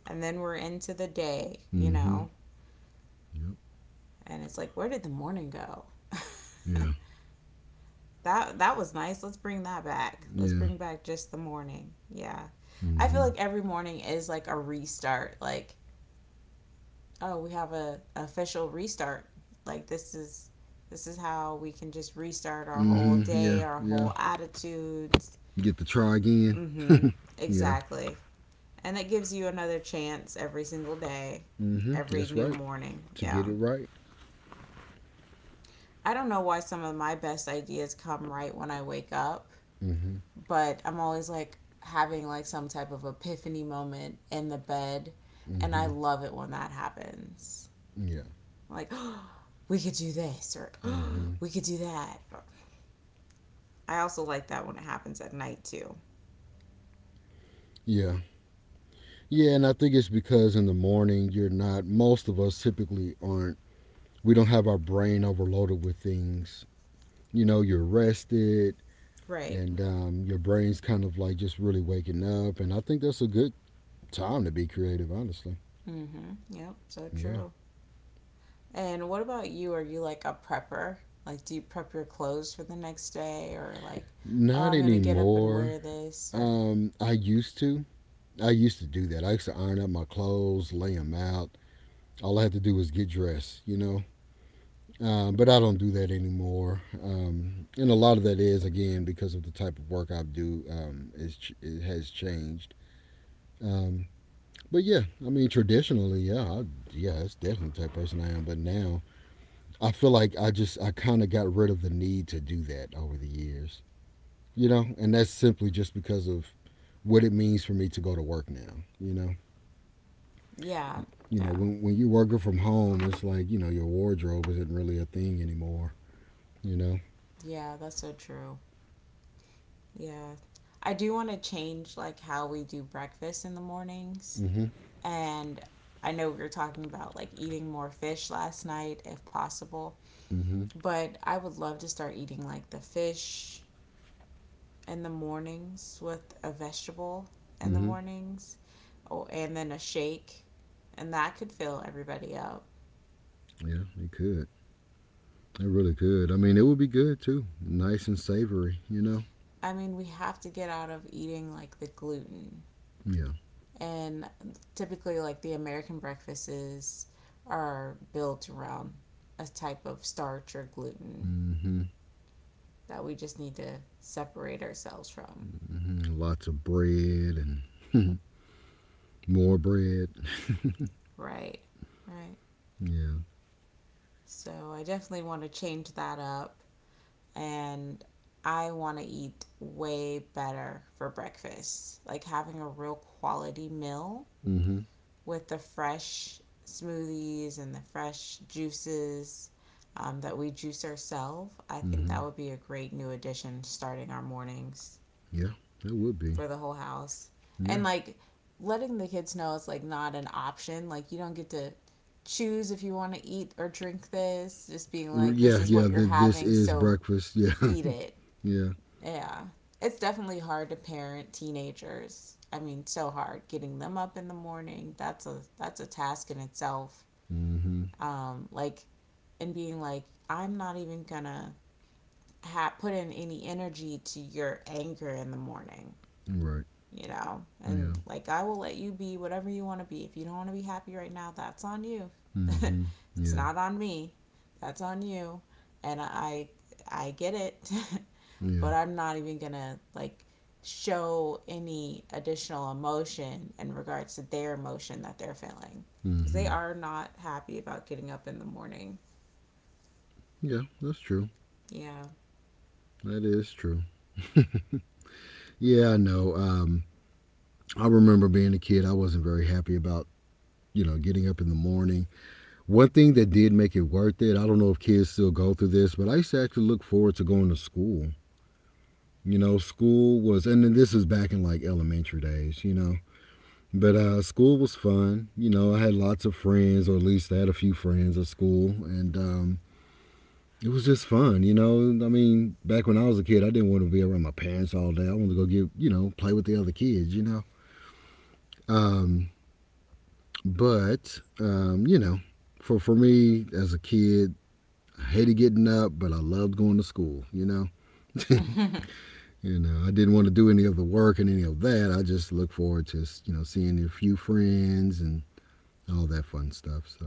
Speaker 2: And then we're into the day, you
Speaker 1: Hmm.
Speaker 2: know,
Speaker 1: Yep.
Speaker 2: and it's like, where did the morning go?
Speaker 1: Yeah.
Speaker 2: That that was nice. Let's bring that back. Let's
Speaker 1: Yeah.
Speaker 2: bring back just the morning. Yeah. I feel
Speaker 1: Mm-hmm.
Speaker 2: like every morning is like a restart. Like, oh, we have a official restart. Like this is how we can just restart our whole
Speaker 1: Mm-hmm. Yeah.
Speaker 2: day, our
Speaker 1: Yeah.
Speaker 2: whole attitudes.
Speaker 1: You get to try again.
Speaker 2: Mhm.
Speaker 1: Yeah.
Speaker 2: Exactly. And it gives you another chance every single day,
Speaker 1: Mm-hmm.
Speaker 2: every
Speaker 1: That's
Speaker 2: new
Speaker 1: right.
Speaker 2: morning.
Speaker 1: To get it
Speaker 2: Yeah.
Speaker 1: right.
Speaker 2: I don't know why some of my best ideas come right when I wake up,
Speaker 1: Mm-hmm.
Speaker 2: but I'm always like having like some type of epiphany moment in the bed, and I
Speaker 1: Mm-hmm.
Speaker 2: love it when that happens.
Speaker 1: Yeah.
Speaker 2: Like, oh, we could do this, or oh,
Speaker 1: Mm-hmm.
Speaker 2: we could do that. I also like that when it happens at night too.
Speaker 1: Yeah. Yeah, and I think it's because in the morning you're not most of us typically aren't, we don't have our brain overloaded with things. You know, you're rested
Speaker 2: Right.
Speaker 1: and your brain's kind of like just really waking up, and I think that's a good time to be creative, honestly.
Speaker 2: Mm-hmm. Yep. So
Speaker 1: Yeah.
Speaker 2: true. And what about you? Are you like a prepper? Like, do you prep your clothes for the next day, or like, oh,
Speaker 1: Not
Speaker 2: I'm gonna get up and
Speaker 1: anymore.
Speaker 2: wear this, or
Speaker 1: I used to. I used to do that. I used to iron up my clothes, lay them out. All I had to do was get dressed, you know. But I don't do that anymore. And a lot of that is again because of the type of work I do. Is It has changed. Um, but yeah, I mean traditionally, yeah, yeah, that's definitely the type of person I am. But now I feel like I just I kind of got rid of the need to do that over the years, you know. And that's simply just because of what it means for me to go to work now, you know.
Speaker 2: yeah,
Speaker 1: You know,
Speaker 2: yeah,
Speaker 1: when you're working from home, it's like you know your wardrobe isn't really a thing anymore. You know.
Speaker 2: yeah. That's so true. Yeah. I do want to change like how we do breakfast in the mornings.
Speaker 1: Mm-hmm.
Speaker 2: And I know we were talking about like eating more fish last night if possible,
Speaker 1: Mm-hmm.
Speaker 2: but I would love to start eating like the fish in the mornings with a vegetable in the
Speaker 1: Mm-hmm.
Speaker 2: mornings oh, and then a shake. And that could fill everybody up.
Speaker 1: Yeah, it could. It really could. I mean, it would be good too. Nice and savory. You know.
Speaker 2: I mean, we have to get out of eating like the gluten
Speaker 1: Yeah.
Speaker 2: and typically like the American breakfasts are built around a type of starch or gluten
Speaker 1: Mm-hmm.
Speaker 2: that we just need to separate ourselves from.
Speaker 1: Mm-hmm. Lots of bread and more bread.
Speaker 2: Right. Right.
Speaker 1: Yeah.
Speaker 2: So I definitely want to change that up and I want to eat way better for breakfast. Like having a real quality meal
Speaker 1: Mm-hmm.
Speaker 2: with the fresh smoothies and the fresh juices that we juice ourselves. I think
Speaker 1: Mm-hmm.
Speaker 2: that would be a great new addition starting our mornings
Speaker 1: Yeah. It would be.
Speaker 2: for the whole house.
Speaker 1: Yeah.
Speaker 2: And like letting the kids know it's like not an option. Like you don't get to choose if you want to eat or drink this. Just being like,
Speaker 1: Yeah.
Speaker 2: this is
Speaker 1: Yeah.
Speaker 2: what you're
Speaker 1: This
Speaker 2: having,
Speaker 1: is
Speaker 2: so
Speaker 1: breakfast. Yeah.
Speaker 2: eat it.
Speaker 1: Yeah.
Speaker 2: Yeah. It's definitely hard to parent teenagers. I mean, so hard getting them up in the morning. That's a task in itself
Speaker 1: Mm-hmm.
Speaker 2: like and being like, I'm not even gonna put in any energy to your anger in the morning,
Speaker 1: Right.
Speaker 2: you know,
Speaker 1: Yeah.
Speaker 2: and like I will let you be whatever you want to be. If you don't want to be happy right now, that's on you.
Speaker 1: Mm-hmm.
Speaker 2: It's
Speaker 1: Yeah.
Speaker 2: not on me. That's on you, and I get it,
Speaker 1: Yeah.
Speaker 2: but I'm not even gonna like show any additional emotion in regards to their emotion that they're feeling because they
Speaker 1: Mm-hmm.
Speaker 2: are not happy about getting up in the morning.
Speaker 1: Yeah, that's true.
Speaker 2: Yeah.
Speaker 1: That is true. Yeah, I know. I remember being a kid, I wasn't very happy about, you know, getting up in the morning. One thing that did make it worth it, I don't know if kids still go through this, but I used to actually look forward to going to school. You know, and then this is back in like elementary days, you know, but school was fun. You know, I had lots of friends, or at least I had a few friends at school, and it was just fun, you know. I mean, back when I was a kid, I didn't want to be around my parents all day. I wanted to go get, you know, play with the other kids, you know. Um, but You know, for me as a kid, I hated getting up, but I loved going to school, you know. You know, I didn't want to do any of the work and any of that. I just looked forward to, you know, seeing a few friends and all that fun stuff. So,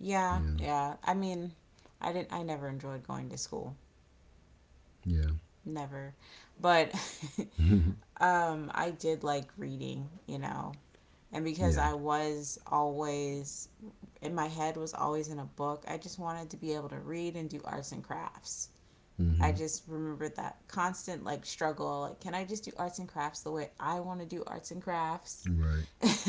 Speaker 2: Yeah,
Speaker 1: yeah.
Speaker 2: yeah. I mean, I didn't. I never enjoyed going to school.
Speaker 1: Yeah.
Speaker 2: Never. But I did like reading. You know, and because
Speaker 1: Yeah.
Speaker 2: I was always in my head was always in a book, I just wanted to be able to read and do arts and crafts. I
Speaker 1: Mhm.
Speaker 2: just remembered that constant like struggle like can I just do arts and crafts the way I want to do arts and crafts?
Speaker 1: Right.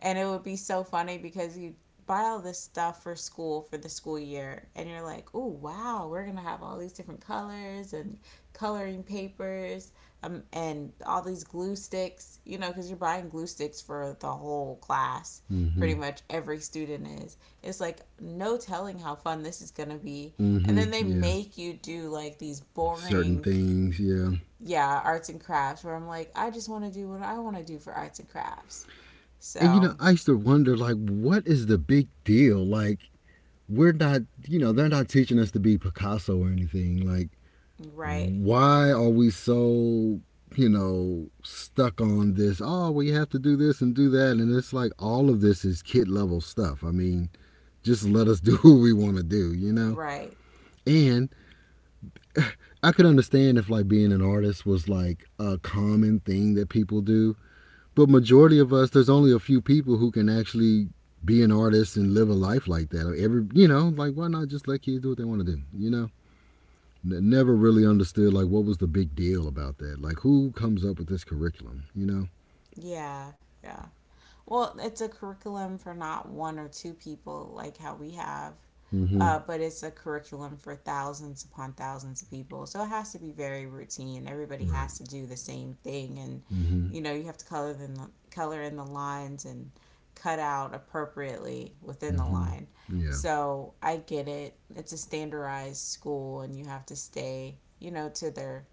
Speaker 2: And it would be so funny because you buy all this stuff for school for the school year and you're like oh wow we're gonna have all these different colors and coloring papers and all these glue sticks you know because you're buying glue sticks for the whole class
Speaker 1: Mhm.
Speaker 2: pretty
Speaker 1: Mm.
Speaker 2: much every student is it's like no telling how fun this is gonna be and then
Speaker 1: Mhm.
Speaker 2: they
Speaker 1: Yeah.
Speaker 2: make you do like these
Speaker 1: Certain
Speaker 2: boring
Speaker 1: things. Yeah.
Speaker 2: yeah arts and crafts where I'm like I just want to do what I want to do for arts and crafts
Speaker 1: And you
Speaker 2: so
Speaker 1: know, I used to wonder like, what is the big deal? Like, we're not, you know, they're not teaching us to be Picasso or anything. Like,
Speaker 2: right.
Speaker 1: why are we so, you know, stuck on this? Oh, we have to do this and do that. And it's like all of this is kid level stuff. I mean, just let us do what we want to do, you know?
Speaker 2: Right.
Speaker 1: And I could understand if like being an artist was like a common thing that people do, but majority of us, there's only a few people who can actually be an artist and live a life like that. You know, like why not just let kids do what they want to do? You know, never really understood like what was the big deal about that. Like who comes up with this curriculum? You know.
Speaker 2: Yeah. Yeah. Well, it's a curriculum for not one or two people like how we have,
Speaker 1: Mm-hmm.
Speaker 2: but it's a curriculum for thousands upon thousands of people. So it has to be very routine. Everybody
Speaker 1: Right.
Speaker 2: has to do the same thing, and
Speaker 1: Mm-hmm.
Speaker 2: you know you have to color the color in the lines and cut out appropriately within the
Speaker 1: Mm-hmm.
Speaker 2: line.
Speaker 1: Yeah.
Speaker 2: So I get it. It's a standardized school, and you have to stay, you know, to their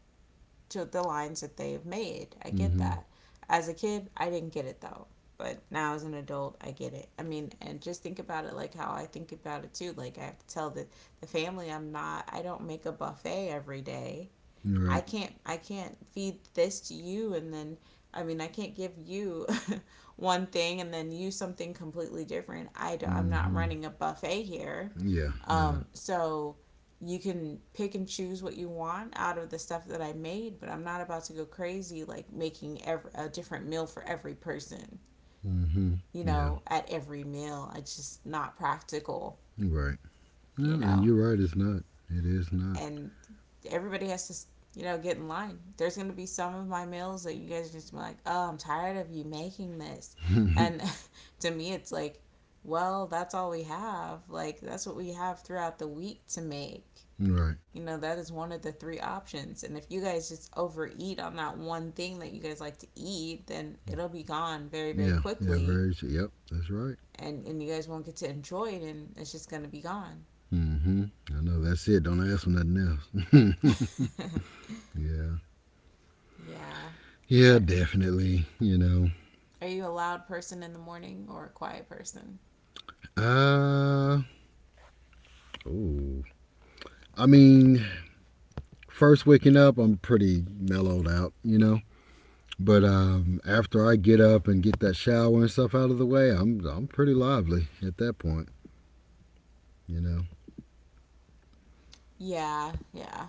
Speaker 2: to the lines that they've made. I get
Speaker 1: Mm-hmm.
Speaker 2: that. As a kid, I didn't get it though. But now as an adult, I get it. I mean, and just think about it like how I think about it too. Like I have to tell the family I don't make a buffet every day. I
Speaker 1: Right.
Speaker 2: can't I can't feed this to you and then I mean I can't give you one thing and then you something completely different. I'm not
Speaker 1: Mm-hmm.
Speaker 2: running a buffet here.
Speaker 1: Yeah. Yeah.
Speaker 2: So you can pick and choose what you want out of the stuff that I made, but I'm not about to go crazy like making every, a different meal for every person,
Speaker 1: Mm-hmm.
Speaker 2: you
Speaker 1: Yeah.
Speaker 2: know, at every meal. It's just not practical,
Speaker 1: Right. Yeah,
Speaker 2: you
Speaker 1: and
Speaker 2: know.
Speaker 1: you're right. It's not. It is not.
Speaker 2: And everybody has to, you know, get in line. There's going to be some of my meals that you guys are just be like, oh, I'm tired of you making this. And to me, it's like, well, that's all we have. Like, that's what we have throughout the week to make.
Speaker 1: Right.
Speaker 2: You know, that is one of the three options. And if you guys just overeat on that one thing that you guys like to eat, then it'll be gone very, very
Speaker 1: Yeah. Yeah.
Speaker 2: quickly.
Speaker 1: Very. Yep. That's right.
Speaker 2: And you guys won't get to enjoy it, and it's just going to be gone.
Speaker 1: Mm-hmm. I know that's it. Don't ask for nothing else. Yeah.
Speaker 2: Yeah.
Speaker 1: Yeah, definitely. You know.
Speaker 2: Are you a loud person in the morning or a quiet person?
Speaker 1: Uh, oh. I mean, First waking up, I'm pretty mellowed out, you know. But after I get up and get that shower and stuff out of the way, I'm pretty lively at that point, you know.
Speaker 2: Yeah, yeah.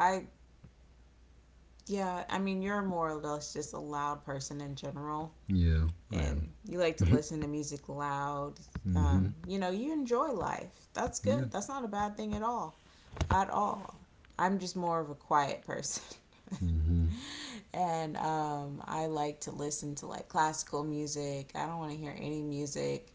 Speaker 2: I Yeah, I mean you're more or less just a loud person in general
Speaker 1: Yeah, I
Speaker 2: and
Speaker 1: am.
Speaker 2: you like to listen to music loud.
Speaker 1: Mm-hmm.
Speaker 2: You know, you enjoy life. That's
Speaker 1: Yeah.
Speaker 2: good. That's not a bad thing at all. At all. I'm just more of a quiet person.
Speaker 1: Mm-hmm.
Speaker 2: And I like to listen to like classical music. I don't want to hear any music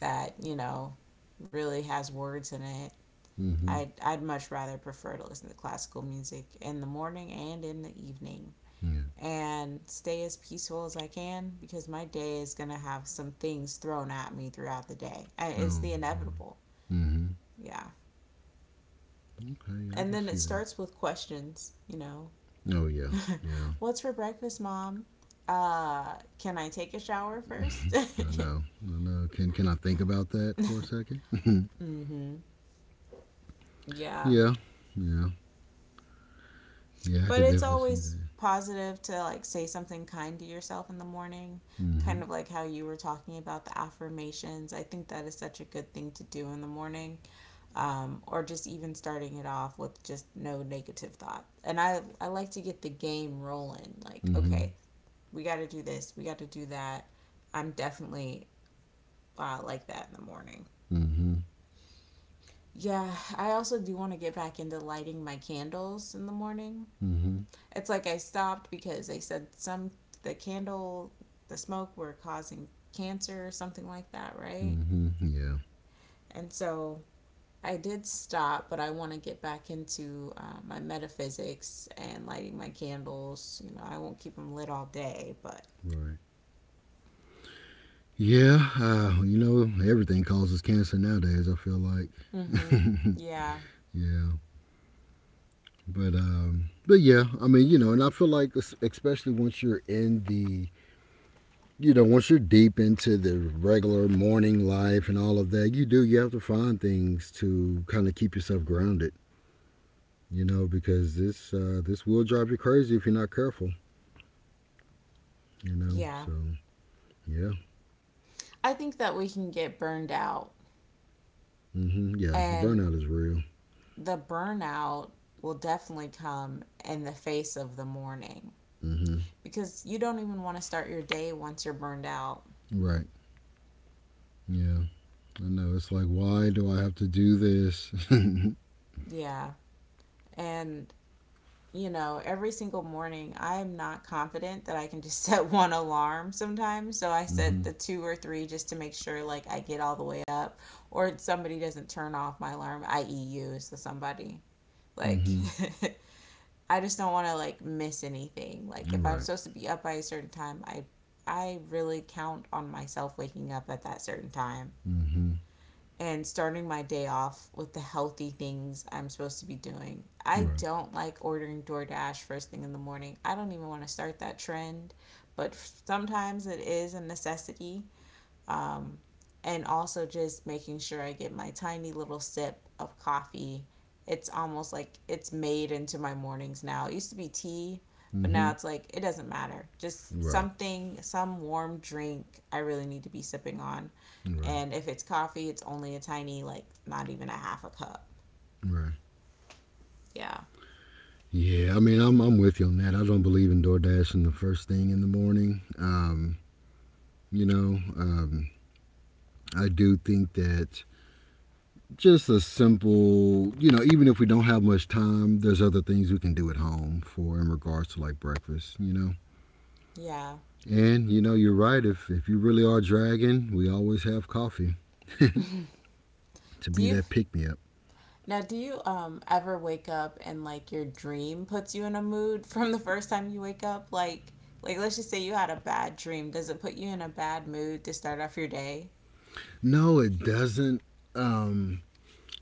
Speaker 2: that, you know, really has words in it.
Speaker 1: Mm-hmm.
Speaker 2: I'd much rather prefer to listen to classical music in the morning and in the evening
Speaker 1: Yeah.
Speaker 2: and stay as peaceful as I can because my day is going to have some things thrown at me throughout the day. It's
Speaker 1: Oh,
Speaker 2: the
Speaker 1: yeah.
Speaker 2: inevitable.
Speaker 1: Mm-hmm.
Speaker 2: Yeah.
Speaker 1: Okay, yeah, I
Speaker 2: And
Speaker 1: can
Speaker 2: then
Speaker 1: see
Speaker 2: it
Speaker 1: that.
Speaker 2: starts with questions, you know.
Speaker 1: Oh yeah, yeah.
Speaker 2: What's for breakfast, mom? Can I take a shower first?
Speaker 1: I know. I know. Can I think about that for a second?
Speaker 2: Mm-hmm. Yeah.
Speaker 1: Yeah. Yeah. Yeah, I
Speaker 2: But
Speaker 1: could
Speaker 2: it's
Speaker 1: definitely see
Speaker 2: always
Speaker 1: that.
Speaker 2: positive to like say something kind to yourself in the morning,
Speaker 1: Hmm.
Speaker 2: kind of like how you were talking about the affirmations. I think that is such a good thing to do in the morning, or just even starting it off with just no negative thought. And I like to get the game rolling like,
Speaker 1: Hmm.
Speaker 2: okay, we got to do this, we got to do that. I'm definitely like that in the morning.
Speaker 1: Hmm.
Speaker 2: Yeah, I also do want to get back into lighting my candles in the morning.
Speaker 1: Hmm.
Speaker 2: It's like I stopped because they said some the candle, the smoke were causing cancer or something like that, right?
Speaker 1: Hmm. Yeah.
Speaker 2: And so I did stop, but I want to get back into my metaphysics and lighting my candles. You know, I won't keep them lit all day, but
Speaker 1: Right. Yeah. You know, everything causes cancer nowadays, I feel like.
Speaker 2: mm-hmm. yeah,
Speaker 1: Yeah. But yeah, I mean, you know, and I feel like especially once you're in the once you're deep into the regular morning life and all of that, you have to find things to kind of keep yourself grounded, you know, because this will drive you crazy if you're not careful, you know.
Speaker 2: yeah.
Speaker 1: So yeah.
Speaker 2: I think that we can get burned out,
Speaker 1: Hmm. Yeah, the
Speaker 2: and
Speaker 1: burnout is real.
Speaker 2: the burnout will definitely come in the face of the morning
Speaker 1: Hmm.
Speaker 2: because you don't even want to start your day once you're burned out.
Speaker 1: Right. Yeah, I know. It's like, why do I have to do this? Hmm.
Speaker 2: Yeah. And, you know, every single morning, I'm not confident that I can just set one alarm sometimes. So I set the two or three just to make sure, like, I get all the way up or somebody doesn't turn off my alarm, i.e., you so somebody. Like,
Speaker 1: Hmm.
Speaker 2: I just don't want to, miss anything. Like, if I'm
Speaker 1: Right.
Speaker 2: supposed to be up by a certain time, I really count on myself waking up at that certain time,
Speaker 1: Hmm.
Speaker 2: and starting my day off with the healthy things I'm supposed to be doing. I
Speaker 1: Right.
Speaker 2: don't like ordering DoorDash first thing in the morning. I don't even want to start that trend, but sometimes it is a necessity. Um, and also just making sure I get my tiny little sip of coffee. It's almost like it's made into my mornings now. It used to be tea, but now
Speaker 1: Hmm.
Speaker 2: it's like it doesn't matter. Just
Speaker 1: Right.
Speaker 2: something, some warm drink I really need to be sipping on.
Speaker 1: Right.
Speaker 2: And if it's coffee, it's only a tiny, like not even a half a cup.
Speaker 1: Right.
Speaker 2: Yeah.
Speaker 1: Yeah, I mean, I'm with you on that. I don't believe in DoorDash and the first thing in the morning. You know, um, I do think that just a simple, you know, even if we don't have much time, there's other things we can do at home for in regards to like breakfast, you know.
Speaker 2: Yeah.
Speaker 1: And you know, you're right. If you really are dragging, we always have coffee to
Speaker 2: Do
Speaker 1: be
Speaker 2: you
Speaker 1: that pick me up.
Speaker 2: Now, do you ever wake up and like your dream puts you in a mood from the first time you wake up? Like let's just say you had a bad dream. Does it put you in a bad mood to start off your day?
Speaker 1: No, it doesn't. Um,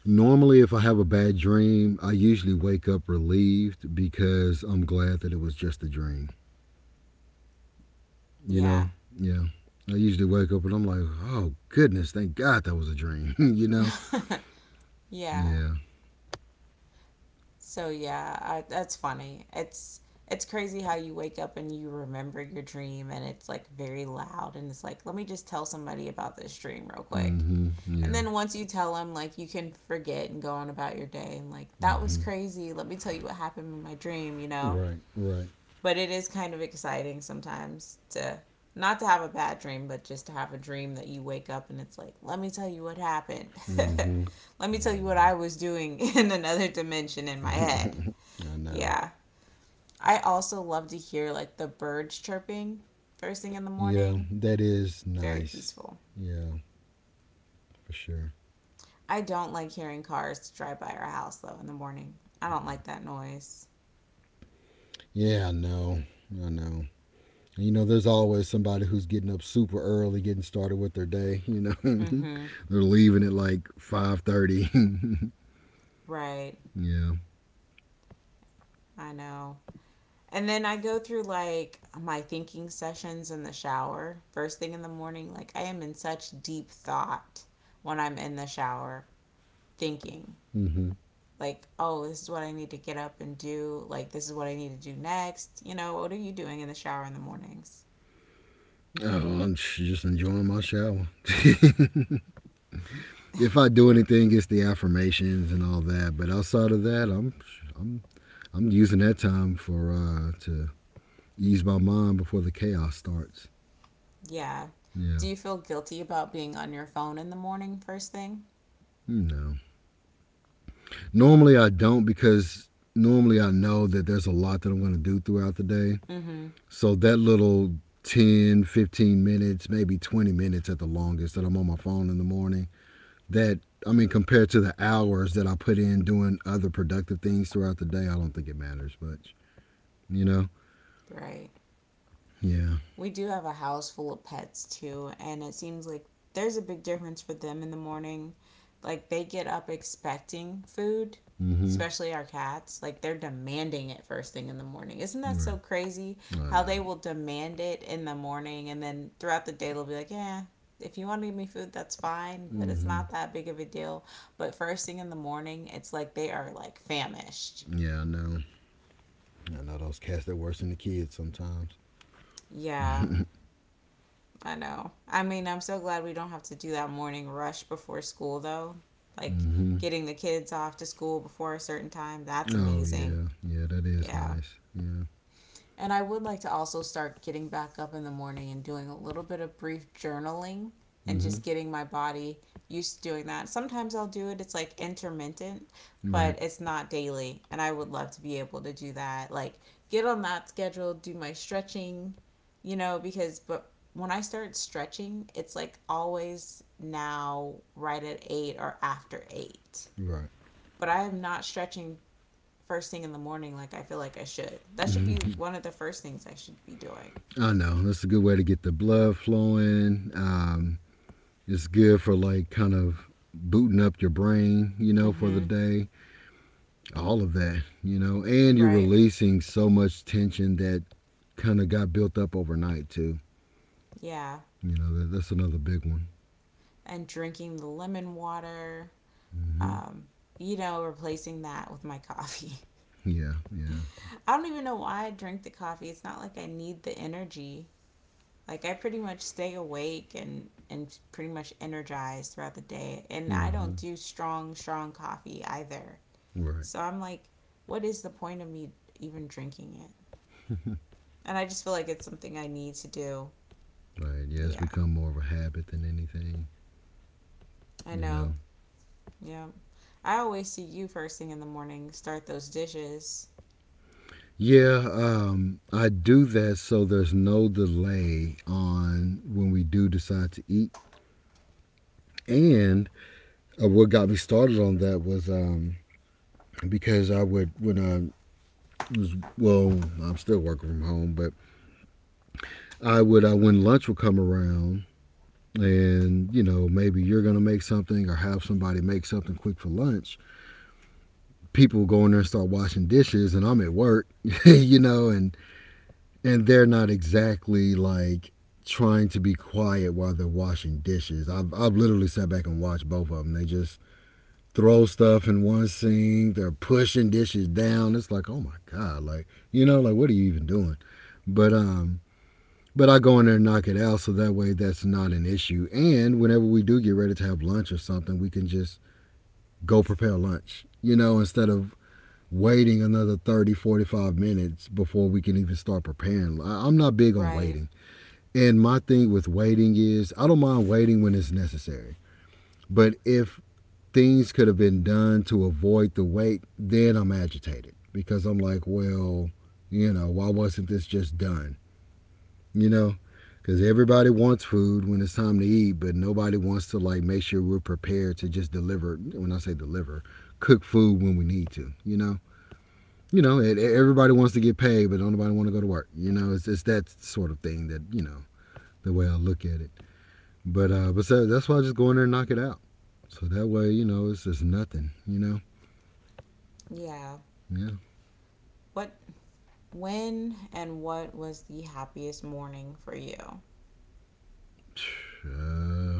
Speaker 1: Normally, if I have a bad dream, I usually wake up relieved because I'm glad that it was just a dream. You know,
Speaker 2: Yeah.
Speaker 1: yeah. I usually wake up and I'm like, oh goodness, thank God that was a dream. You know,
Speaker 2: Yeah.
Speaker 1: yeah.
Speaker 2: So yeah, that's funny. It's crazy how you wake up and you remember your dream and it's like very loud and it's like, let me just tell somebody about this dream real quick.
Speaker 1: Mm-hmm.
Speaker 2: And
Speaker 1: Yeah.
Speaker 2: then once you tell them, like, you can forget and go on about your day and, like, that was
Speaker 1: Mm-hmm.
Speaker 2: crazy. Let me tell you what happened in my dream, you know?
Speaker 1: Right, right.
Speaker 2: But it is kind of exciting sometimes to not to have a bad dream, but just to have a dream that you wake up and it's like, let me tell you what happened.
Speaker 1: Mm-hmm.
Speaker 2: Let me tell
Speaker 1: Yeah,
Speaker 2: you what I was doing in another dimension in my
Speaker 1: I
Speaker 2: head.
Speaker 1: know. I know.
Speaker 2: Yeah. I also love to hear, like, the birds chirping first thing in the
Speaker 1: Yeah,
Speaker 2: morning.
Speaker 1: that is
Speaker 2: Very
Speaker 1: nice.
Speaker 2: peaceful.
Speaker 1: Yeah, for sure.
Speaker 2: I don't like hearing cars drive by our house though in the morning. I don't like that noise.
Speaker 1: Yeah, I know. I know. You know, there's always somebody who's getting up super early, getting started with their day. You know,
Speaker 2: Mhm.
Speaker 1: they're leaving at like 5:30.
Speaker 2: Right.
Speaker 1: Yeah.
Speaker 2: I know. And then I go through like my thinking sessions in the shower first thing in the morning. Like I am in such deep thought when I'm in the shower thinking
Speaker 1: Mm-hmm.
Speaker 2: like, oh, this is what I need to get up and do. Like this is what I need to do next. You know, what are you doing in the shower in the mornings?
Speaker 1: Oh, I'm just enjoying my shower. If I do anything, it's the affirmations and all that. But outside of that, I'm I'm using that time for to ease my mind before the chaos starts.
Speaker 2: Yeah.
Speaker 1: Yeah,
Speaker 2: Do you feel guilty about being on your phone in the morning first thing?
Speaker 1: no. Normally I don't because normally I know that there's a lot that I'm going to do throughout the day.
Speaker 2: Mhm.
Speaker 1: So that little 15 minutes, maybe 20 minutes at the longest that I'm on my phone in the morning, that I mean compared to the hours that I put in doing other productive things throughout the day, I don't think it matters much. You know?
Speaker 2: Right.
Speaker 1: Yeah.
Speaker 2: We do have a house full of pets too, and it seems like there's a big difference for them in the morning. Like they get up expecting food,
Speaker 1: Mhm.
Speaker 2: especially our cats. Like they're demanding it first thing in the morning. Isn't that
Speaker 1: Right.
Speaker 2: so crazy
Speaker 1: I
Speaker 2: how
Speaker 1: know.
Speaker 2: they will demand it in the morning and then throughout the day they'll be like, "Yeah, if you want to give me food, that's fine, but it's
Speaker 1: Mhm.
Speaker 2: not that big of a deal." But first thing in the morning, it's like they are like famished.
Speaker 1: Yeah, I know. I know those cats that worse than the kids sometimes.
Speaker 2: Yeah, I know. I mean, I'm so glad we don't have to do that morning rush before school, though. Like
Speaker 1: Mm-hmm.
Speaker 2: getting the kids off to school before a certain time, that's
Speaker 1: Oh
Speaker 2: amazing.
Speaker 1: yeah, yeah, that is
Speaker 2: Yeah.
Speaker 1: nice. Yeah.
Speaker 2: And I would like to also start getting back up in the morning and doing a little bit of brief journaling and
Speaker 1: Mm-hmm.
Speaker 2: just getting my body used to doing that. Sometimes I'll do it, it's like intermittent,
Speaker 1: Right.
Speaker 2: but it's not daily. And I would love to be able to do that. Like, get on that schedule, do my stretching, you know, because, but when I start stretching, it's like always now right at eight or after eight.
Speaker 1: Right.
Speaker 2: But I am not stretching first thing in the morning like I feel like I should. That should be
Speaker 1: Mm-hmm.
Speaker 2: one of the first things I should be doing.
Speaker 1: I know that's a good way to get the blood flowing. It's good for like kind of booting up your brain, you know, for the
Speaker 2: Mm-hmm.
Speaker 1: day. All of that, you know, and you're
Speaker 2: Right.
Speaker 1: releasing so much tension that kind of got built up overnight too.
Speaker 2: Yeah.
Speaker 1: You know, that's another big one.
Speaker 2: And drinking the lemon water.
Speaker 1: Mm-hmm.
Speaker 2: Um, you know, replacing that with my coffee.
Speaker 1: Yeah, yeah.
Speaker 2: I don't even know why I drink the coffee. It's not like I need the energy. Like I pretty much stay awake and pretty much energized throughout the day. And I don't
Speaker 1: Mm-hmm.
Speaker 2: do strong coffee either.
Speaker 1: Right.
Speaker 2: So I'm like, what is the point of me even drinking it? And I just feel like it's something I need to do.
Speaker 1: Right. Yeah, it's
Speaker 2: Yeah,
Speaker 1: become more of a habit than anything,
Speaker 2: I
Speaker 1: you
Speaker 2: know.
Speaker 1: know.
Speaker 2: Yeah. I always see you first thing in the morning start those dishes.
Speaker 1: Yeah, I do that so there's no delay on when we do decide to eat. And what got me started on that was because I would, when I was, well, I'm still working from home, but I would, when lunch would come around, and you know maybe you're gonna make something or have somebody make something quick for lunch, people go in there and start washing dishes and I'm at work you know, and they're not exactly like trying to be quiet while they're washing dishes. I've literally sat back and watched both of them. They just throw stuff in one sink. They're pushing dishes down. It's like, oh my God, like you know, like what are you even doing? But um, but I go in there and knock it out, so that way that's not an issue. And whenever we do get ready to have lunch or something, we can just go prepare lunch. You know, instead of waiting another 30, 45 minutes before we can even start preparing. I'm not big on
Speaker 2: Right.
Speaker 1: waiting, and my thing with waiting is I don't mind waiting when it's necessary. But if things could have been done to avoid the wait, then I'm agitated because I'm like, well, you know, why wasn't this just done? You know? Because everybody wants food when it's time to eat, but nobody wants to like make sure we're prepared to just deliver. When I say deliver, cook food when we need to. You know, everybody wants to get paid, but don't nobody want to go to work. You know, it's that sort of thing that you know the way I look at it. But so that's why I just go in there and knock it out. So that way, you know, it's just nothing, you know?
Speaker 2: Yeah.
Speaker 1: Yeah.
Speaker 2: What when and what was the happiest morning for you?
Speaker 1: Uh,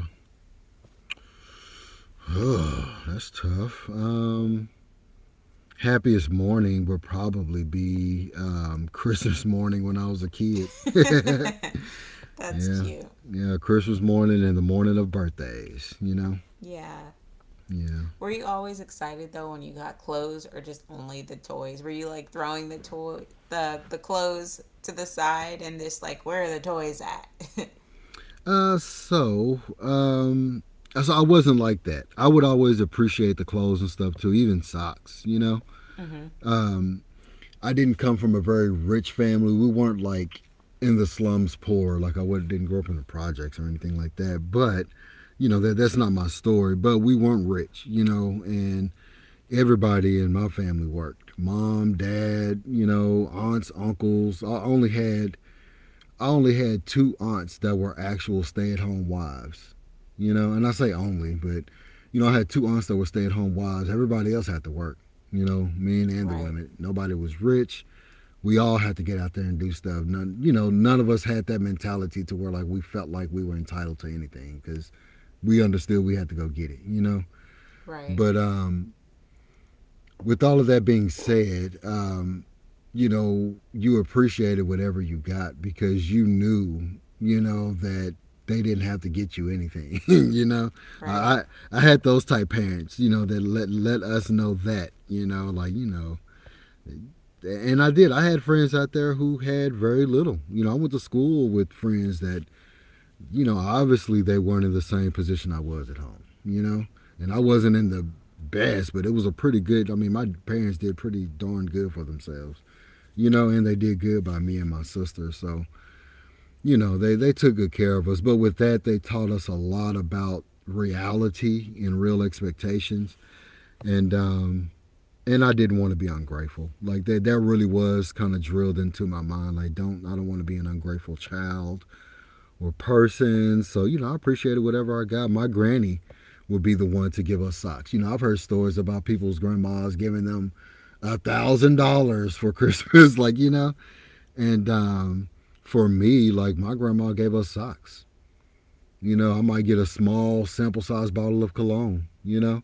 Speaker 1: oh, that's tough. Happiest morning would probably be Christmas morning when I was a kid.
Speaker 2: That's
Speaker 1: Yeah.
Speaker 2: cute.
Speaker 1: Yeah, Christmas morning and the morning of birthdays, you know?
Speaker 2: Yeah.
Speaker 1: Yeah.
Speaker 2: Were you always excited though when you got clothes or just only the toys? Were you like throwing the toy the clothes to the side and just like where are the toys at?
Speaker 1: Uh, so, um, so I wasn't like that. I would always appreciate the clothes and stuff too, even socks, you know?
Speaker 2: Mhm.
Speaker 1: Um, I didn't come from a very rich family. We weren't like in the slums poor. Like I would didn't grow up in the projects or anything like that. But you know that that's not my story. But we weren't rich, you know, and everybody in my family worked. Mom, dad, you know, aunts, uncles. I only had two aunts that were actual stay-at-home wives. You know, and I say only, but you know, I had two aunts that were stay-at-home wives. Everybody else had to work. You know, men and the
Speaker 2: Right.
Speaker 1: women. Nobody was rich. We all had to get out there and do stuff. None, you know, none of us had that mentality to where like we felt like we were entitled to anything because we understood we had to go get it. You know,
Speaker 2: Right.
Speaker 1: but with all of that being said, you know, you appreciated whatever you got because you knew, you know, that they didn't have to get you anything. You know,
Speaker 2: Right.
Speaker 1: uh, I had those type parents, you know, that let us know that, you know, like you know. And I did. I had friends out there who had very little. You know, I went to school with friends that, you know, obviously they weren't in the same position I was at home, you know? And I wasn't in the best, but it was a pretty good. I mean, my parents did pretty darn good for themselves, you know, and they did good by me and my sister. So, you know, they took good care of us. But with that, they taught us a lot about reality and real expectations. And um, and I didn't want to be ungrateful. Like that really was kind of drilled into my mind. Like don't I don't want to be an ungrateful child or person. So, you know, I appreciated whatever I got. My granny would be the one to give us socks. You know, I've heard stories about people's grandmas giving them $1,000 for Christmas, like, you know? And For me, like my grandma gave us socks. You know, I might get a small sample size bottle of cologne, you know?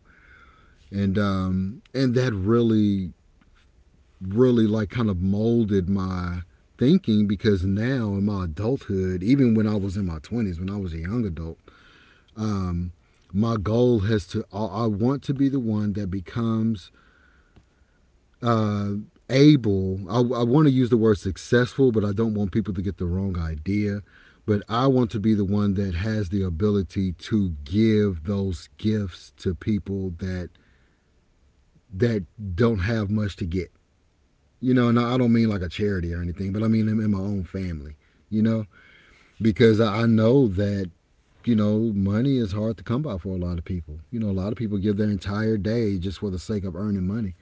Speaker 1: And that really like kind of molded my thinking because now in my adulthood, even when I was in my 20s, when I was a young adult, um, my goal has to, I want to be the one that becomes uh, I want to use the word successful, but I don't want people to get the wrong idea. But I want to be the one that has the ability to give those gifts to people that that don't have much to get, you know, and I don't mean like a charity or anything, but I mean in my own family, you know, because I know that you know money is hard to come by for a lot of people. You know, a lot of people give their entire day just for the sake of earning money.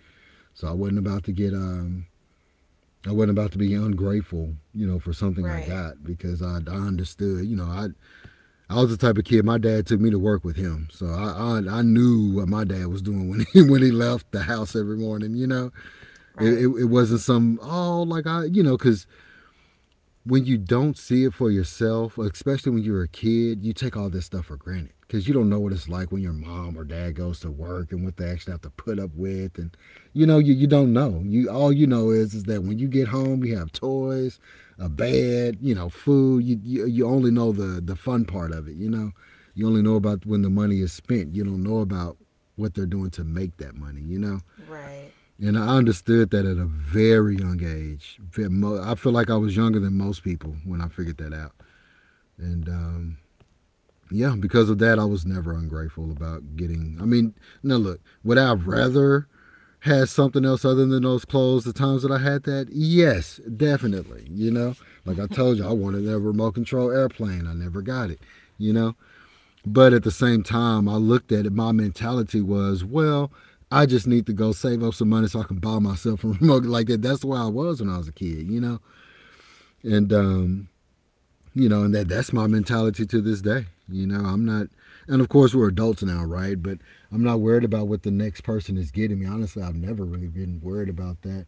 Speaker 1: So I wasn't about to get um. I wasn't about to be ungrateful, you know, for something I
Speaker 2: Right.
Speaker 1: got because I understood, you know, I was the type of kid my dad took me to work with him, so I knew what my dad was doing when he left the house every morning, you know, it it,
Speaker 2: Right.
Speaker 1: it wasn't some, oh, like I, you know, because when you don't see it for yourself, especially when you're a kid, you take all this stuff for granted because you don't know what it's like when your mom or dad goes to work and what they actually have to put up with, and you know, you don't know. You, all you know is that when you get home, you have toys, a bed, you know, food. You only know the fun part of it. You know, you only know about when the money is spent. You don't know about what they're doing to make that money. You know,
Speaker 2: Right.
Speaker 1: and I understood that at a very young age. I feel like I was younger than most people when I figured that out. And Yeah, because of that, I was never ungrateful about getting. I mean, now look, would I rather had something else other than those clothes the times that I had that? Yes, definitely. You know, like I told you, I wanted that remote control airplane. I never got it. You know, but at the same time, I looked at it. My mentality was, well, I just need to go save up some money so I can buy myself a remote like that. That's where I was when I was a kid, you know. And You know, and that's my mentality to this day. You know, I'm not, And of course we're adults now, right? But I'm not worried about what the next person is getting me. Honestly, I've never really been worried about that.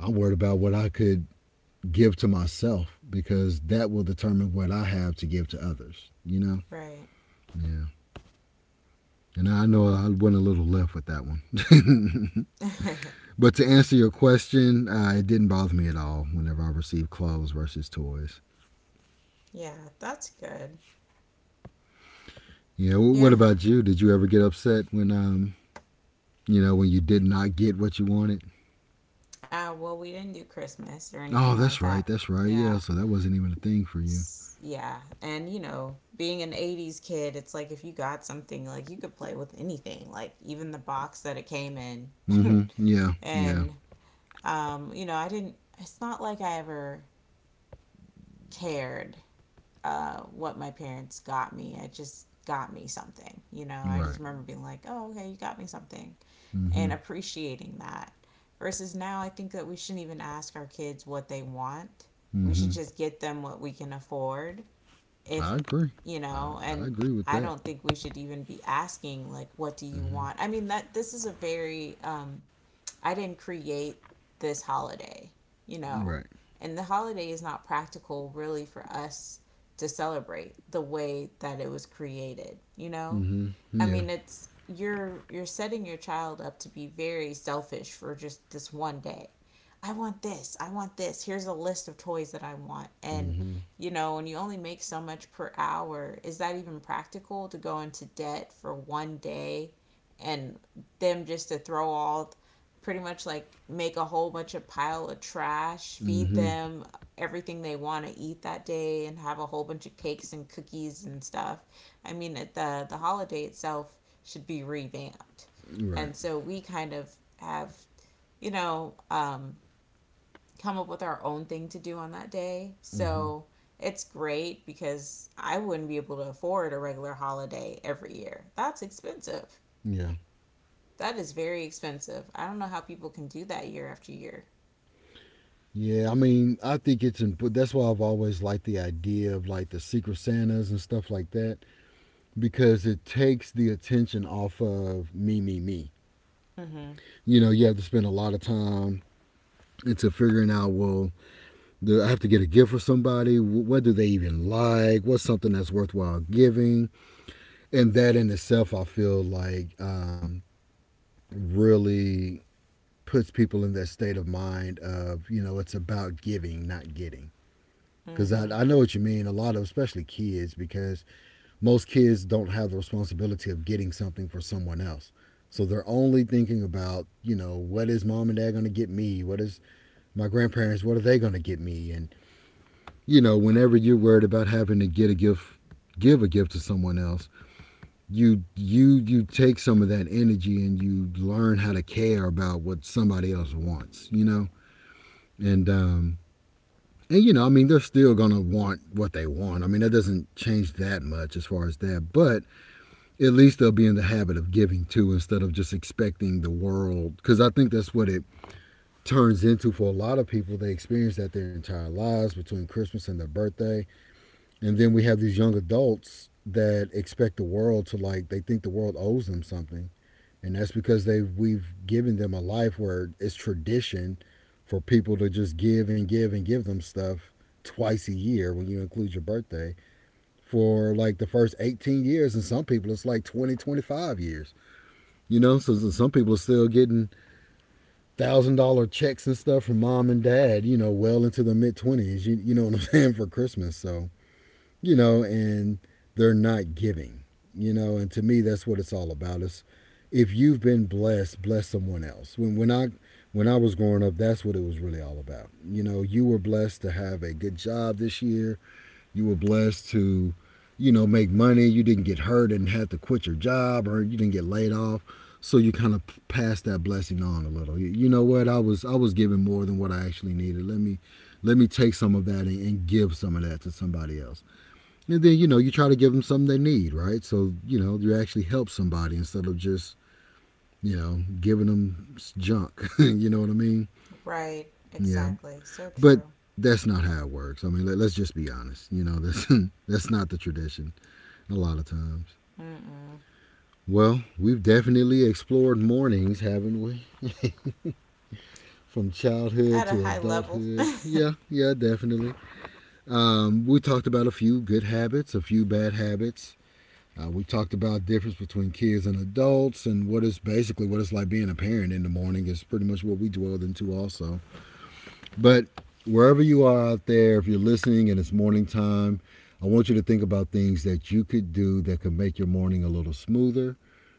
Speaker 1: I'm worried about what I could give to myself because that will determine what I have to give to others. You know,
Speaker 2: Right.
Speaker 1: yeah. And I know I went a little left with that one. But to answer your question, it didn't bother me at all whenever I received clothes versus toys.
Speaker 2: Yeah, that's good.
Speaker 1: You know, what
Speaker 2: Yeah.
Speaker 1: about you? Did you ever get upset when you did not get what you wanted?
Speaker 2: Well, we didn't do Christmas or
Speaker 1: Oh,
Speaker 2: anything
Speaker 1: that's
Speaker 2: like
Speaker 1: right,
Speaker 2: that.
Speaker 1: that's right. Yeah,
Speaker 2: Yeah.
Speaker 1: so that wasn't even a thing for you.
Speaker 2: S- yeah. And, you know, being an 80s kid, it's like if you got something, like you could play with anything, like even the box that it came in.
Speaker 1: Mm-hmm. Yeah, yeah,
Speaker 2: And, you know, I didn't, it's not like I ever cared what my parents got me. I just got me something, you know, I just
Speaker 1: right.
Speaker 2: remember being like, oh, okay, you got me something,
Speaker 1: Mm-hmm.
Speaker 2: and appreciating that. Versus now, I think that we shouldn't even ask our kids what they want. We should
Speaker 1: Mm-hmm.
Speaker 2: just get them what we can afford. If,
Speaker 1: I agree.
Speaker 2: you
Speaker 1: I,
Speaker 2: know,
Speaker 1: I
Speaker 2: and
Speaker 1: agree with
Speaker 2: I
Speaker 1: that.
Speaker 2: don't think we should even be asking, like, what do you
Speaker 1: Mm-hmm.
Speaker 2: want? I mean, that this is a very, I didn't create this holiday, you know,
Speaker 1: Right.
Speaker 2: and the holiday is not practical really for us to celebrate the way that it was created, you know?
Speaker 1: Mm-hmm.
Speaker 2: I
Speaker 1: Yeah.
Speaker 2: mean, it's you're setting your child up to be very selfish for just this one day. I want this. I want this. Here's a list of toys that I want. And
Speaker 1: Mm-hmm.
Speaker 2: you know, when you only make so much per hour, is that even practical to go into debt for one day and them just to throw all pretty much like make a whole bunch of pile of trash, feed
Speaker 1: Mm-hmm.
Speaker 2: them everything they want to eat that day and have a whole bunch of cakes and cookies and stuff. I mean, the holiday itself should be revamped,
Speaker 1: Right.
Speaker 2: and so we kind of have you know um, come up with our own thing to do on that day.
Speaker 1: Mm-hmm.
Speaker 2: So it's great because I wouldn't be able to afford a regular holiday every year. That's expensive.
Speaker 1: Yeah.
Speaker 2: That is very expensive. I don't know how people can do that year after year.
Speaker 1: Yeah, I mean, I think it's important. That's why I've always liked the idea of like the Secret Santas and stuff like that because it takes the attention off of me, me, me.
Speaker 2: Mhm.
Speaker 1: You know, you have to spend a lot of time into figuring out, well, do I have to get a gift for somebody? What do they even like? What's something that's worthwhile giving? And that in itself, I feel like, really puts people in that state of mind of, you know, it's about giving, not getting. Because I,
Speaker 2: Mhm.
Speaker 1: I know what you mean. A lot of, especially kids, because most kids don't have the responsibility of getting something for someone else. So they're only thinking about, you know, what is mom and dad going to get me? What is my grandparents? What are they going to get me? And, you know, whenever you're worried about having to get a gift, give a gift to someone else, you take some of that energy and you learn how to care about what somebody else wants, you know? And um And you know, I mean, they're still gonna want what they want. I mean, that doesn't change that much as far as that, but at least they'll be in the habit of giving too instead of just expecting the world. Because I think that's what it turns into for a lot of people. They experience that their entire lives between Christmas and their birthday, and then we have these young adults that expect the world to, like, they think the world owes them something, and that's because they we've given them a life where it's tradition for people to just give and give and give them stuff twice a year when you include your birthday for like the first 18 years, and some people it's like 20, 25 years, you know, so some people are still getting $1,000 checks and stuff from mom and dad, you know, well into the mid 20s. You know what I'm saying, for Christmas. So you know, and they're not giving, you know, and to me that's what it's all about. It's if you've been blessed, bless someone else. When I was growing up, that's what it was really all about. You know, you were blessed to have a good job this year. You were blessed to, you know, make money. You didn't get hurt and had to quit your job, or you didn't get laid off. So you kind of passed that blessing on a little. You know what? I was giving more than what I actually needed. Let me take some of that and give some of that to somebody else, and then, you know, you try to give them something they need, right? So, you know, you actually help somebody instead of just, you know, giving them junk. You know what I mean?
Speaker 2: Right.
Speaker 1: Yeah.
Speaker 2: Exactly. So
Speaker 1: But
Speaker 2: true.
Speaker 1: that's not how it works. I mean, let's just be honest. You know, that's that's not the tradition a lot of times.
Speaker 2: Mm-mm.
Speaker 1: Well, we've definitely explored mornings, haven't we? From childhood
Speaker 2: At a
Speaker 1: to
Speaker 2: high level.
Speaker 1: adulthood. Yeah, yeah, definitely. We talked about a few good habits, a few bad habits. We talked about difference between kids and adults, and what is basically what it's like being a parent in the morning is pretty much what we dwelled into also. But wherever you are out there, if you're listening and it's morning time, I want you to think about things that you could do that could make your morning a little smoother,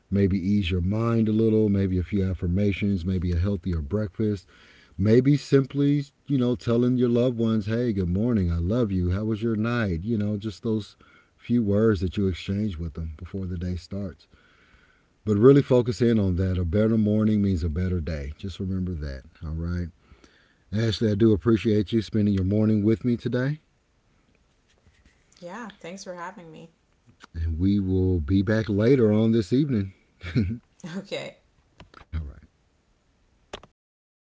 Speaker 1: maybe ease your mind a little, maybe a few affirmations, maybe a healthier breakfast, maybe simply, you know, telling your loved ones, hey, good morning, I love you, how was your night, you know, just those few words that you exchange with them before the day starts. But really focus in on that: a better morning means a better day. Just remember that. All right, Ashley, I do appreciate you spending your morning with me today.
Speaker 2: Yeah, thanks for having me.
Speaker 1: And we will be back later on this evening.
Speaker 2: Okay.
Speaker 1: All right.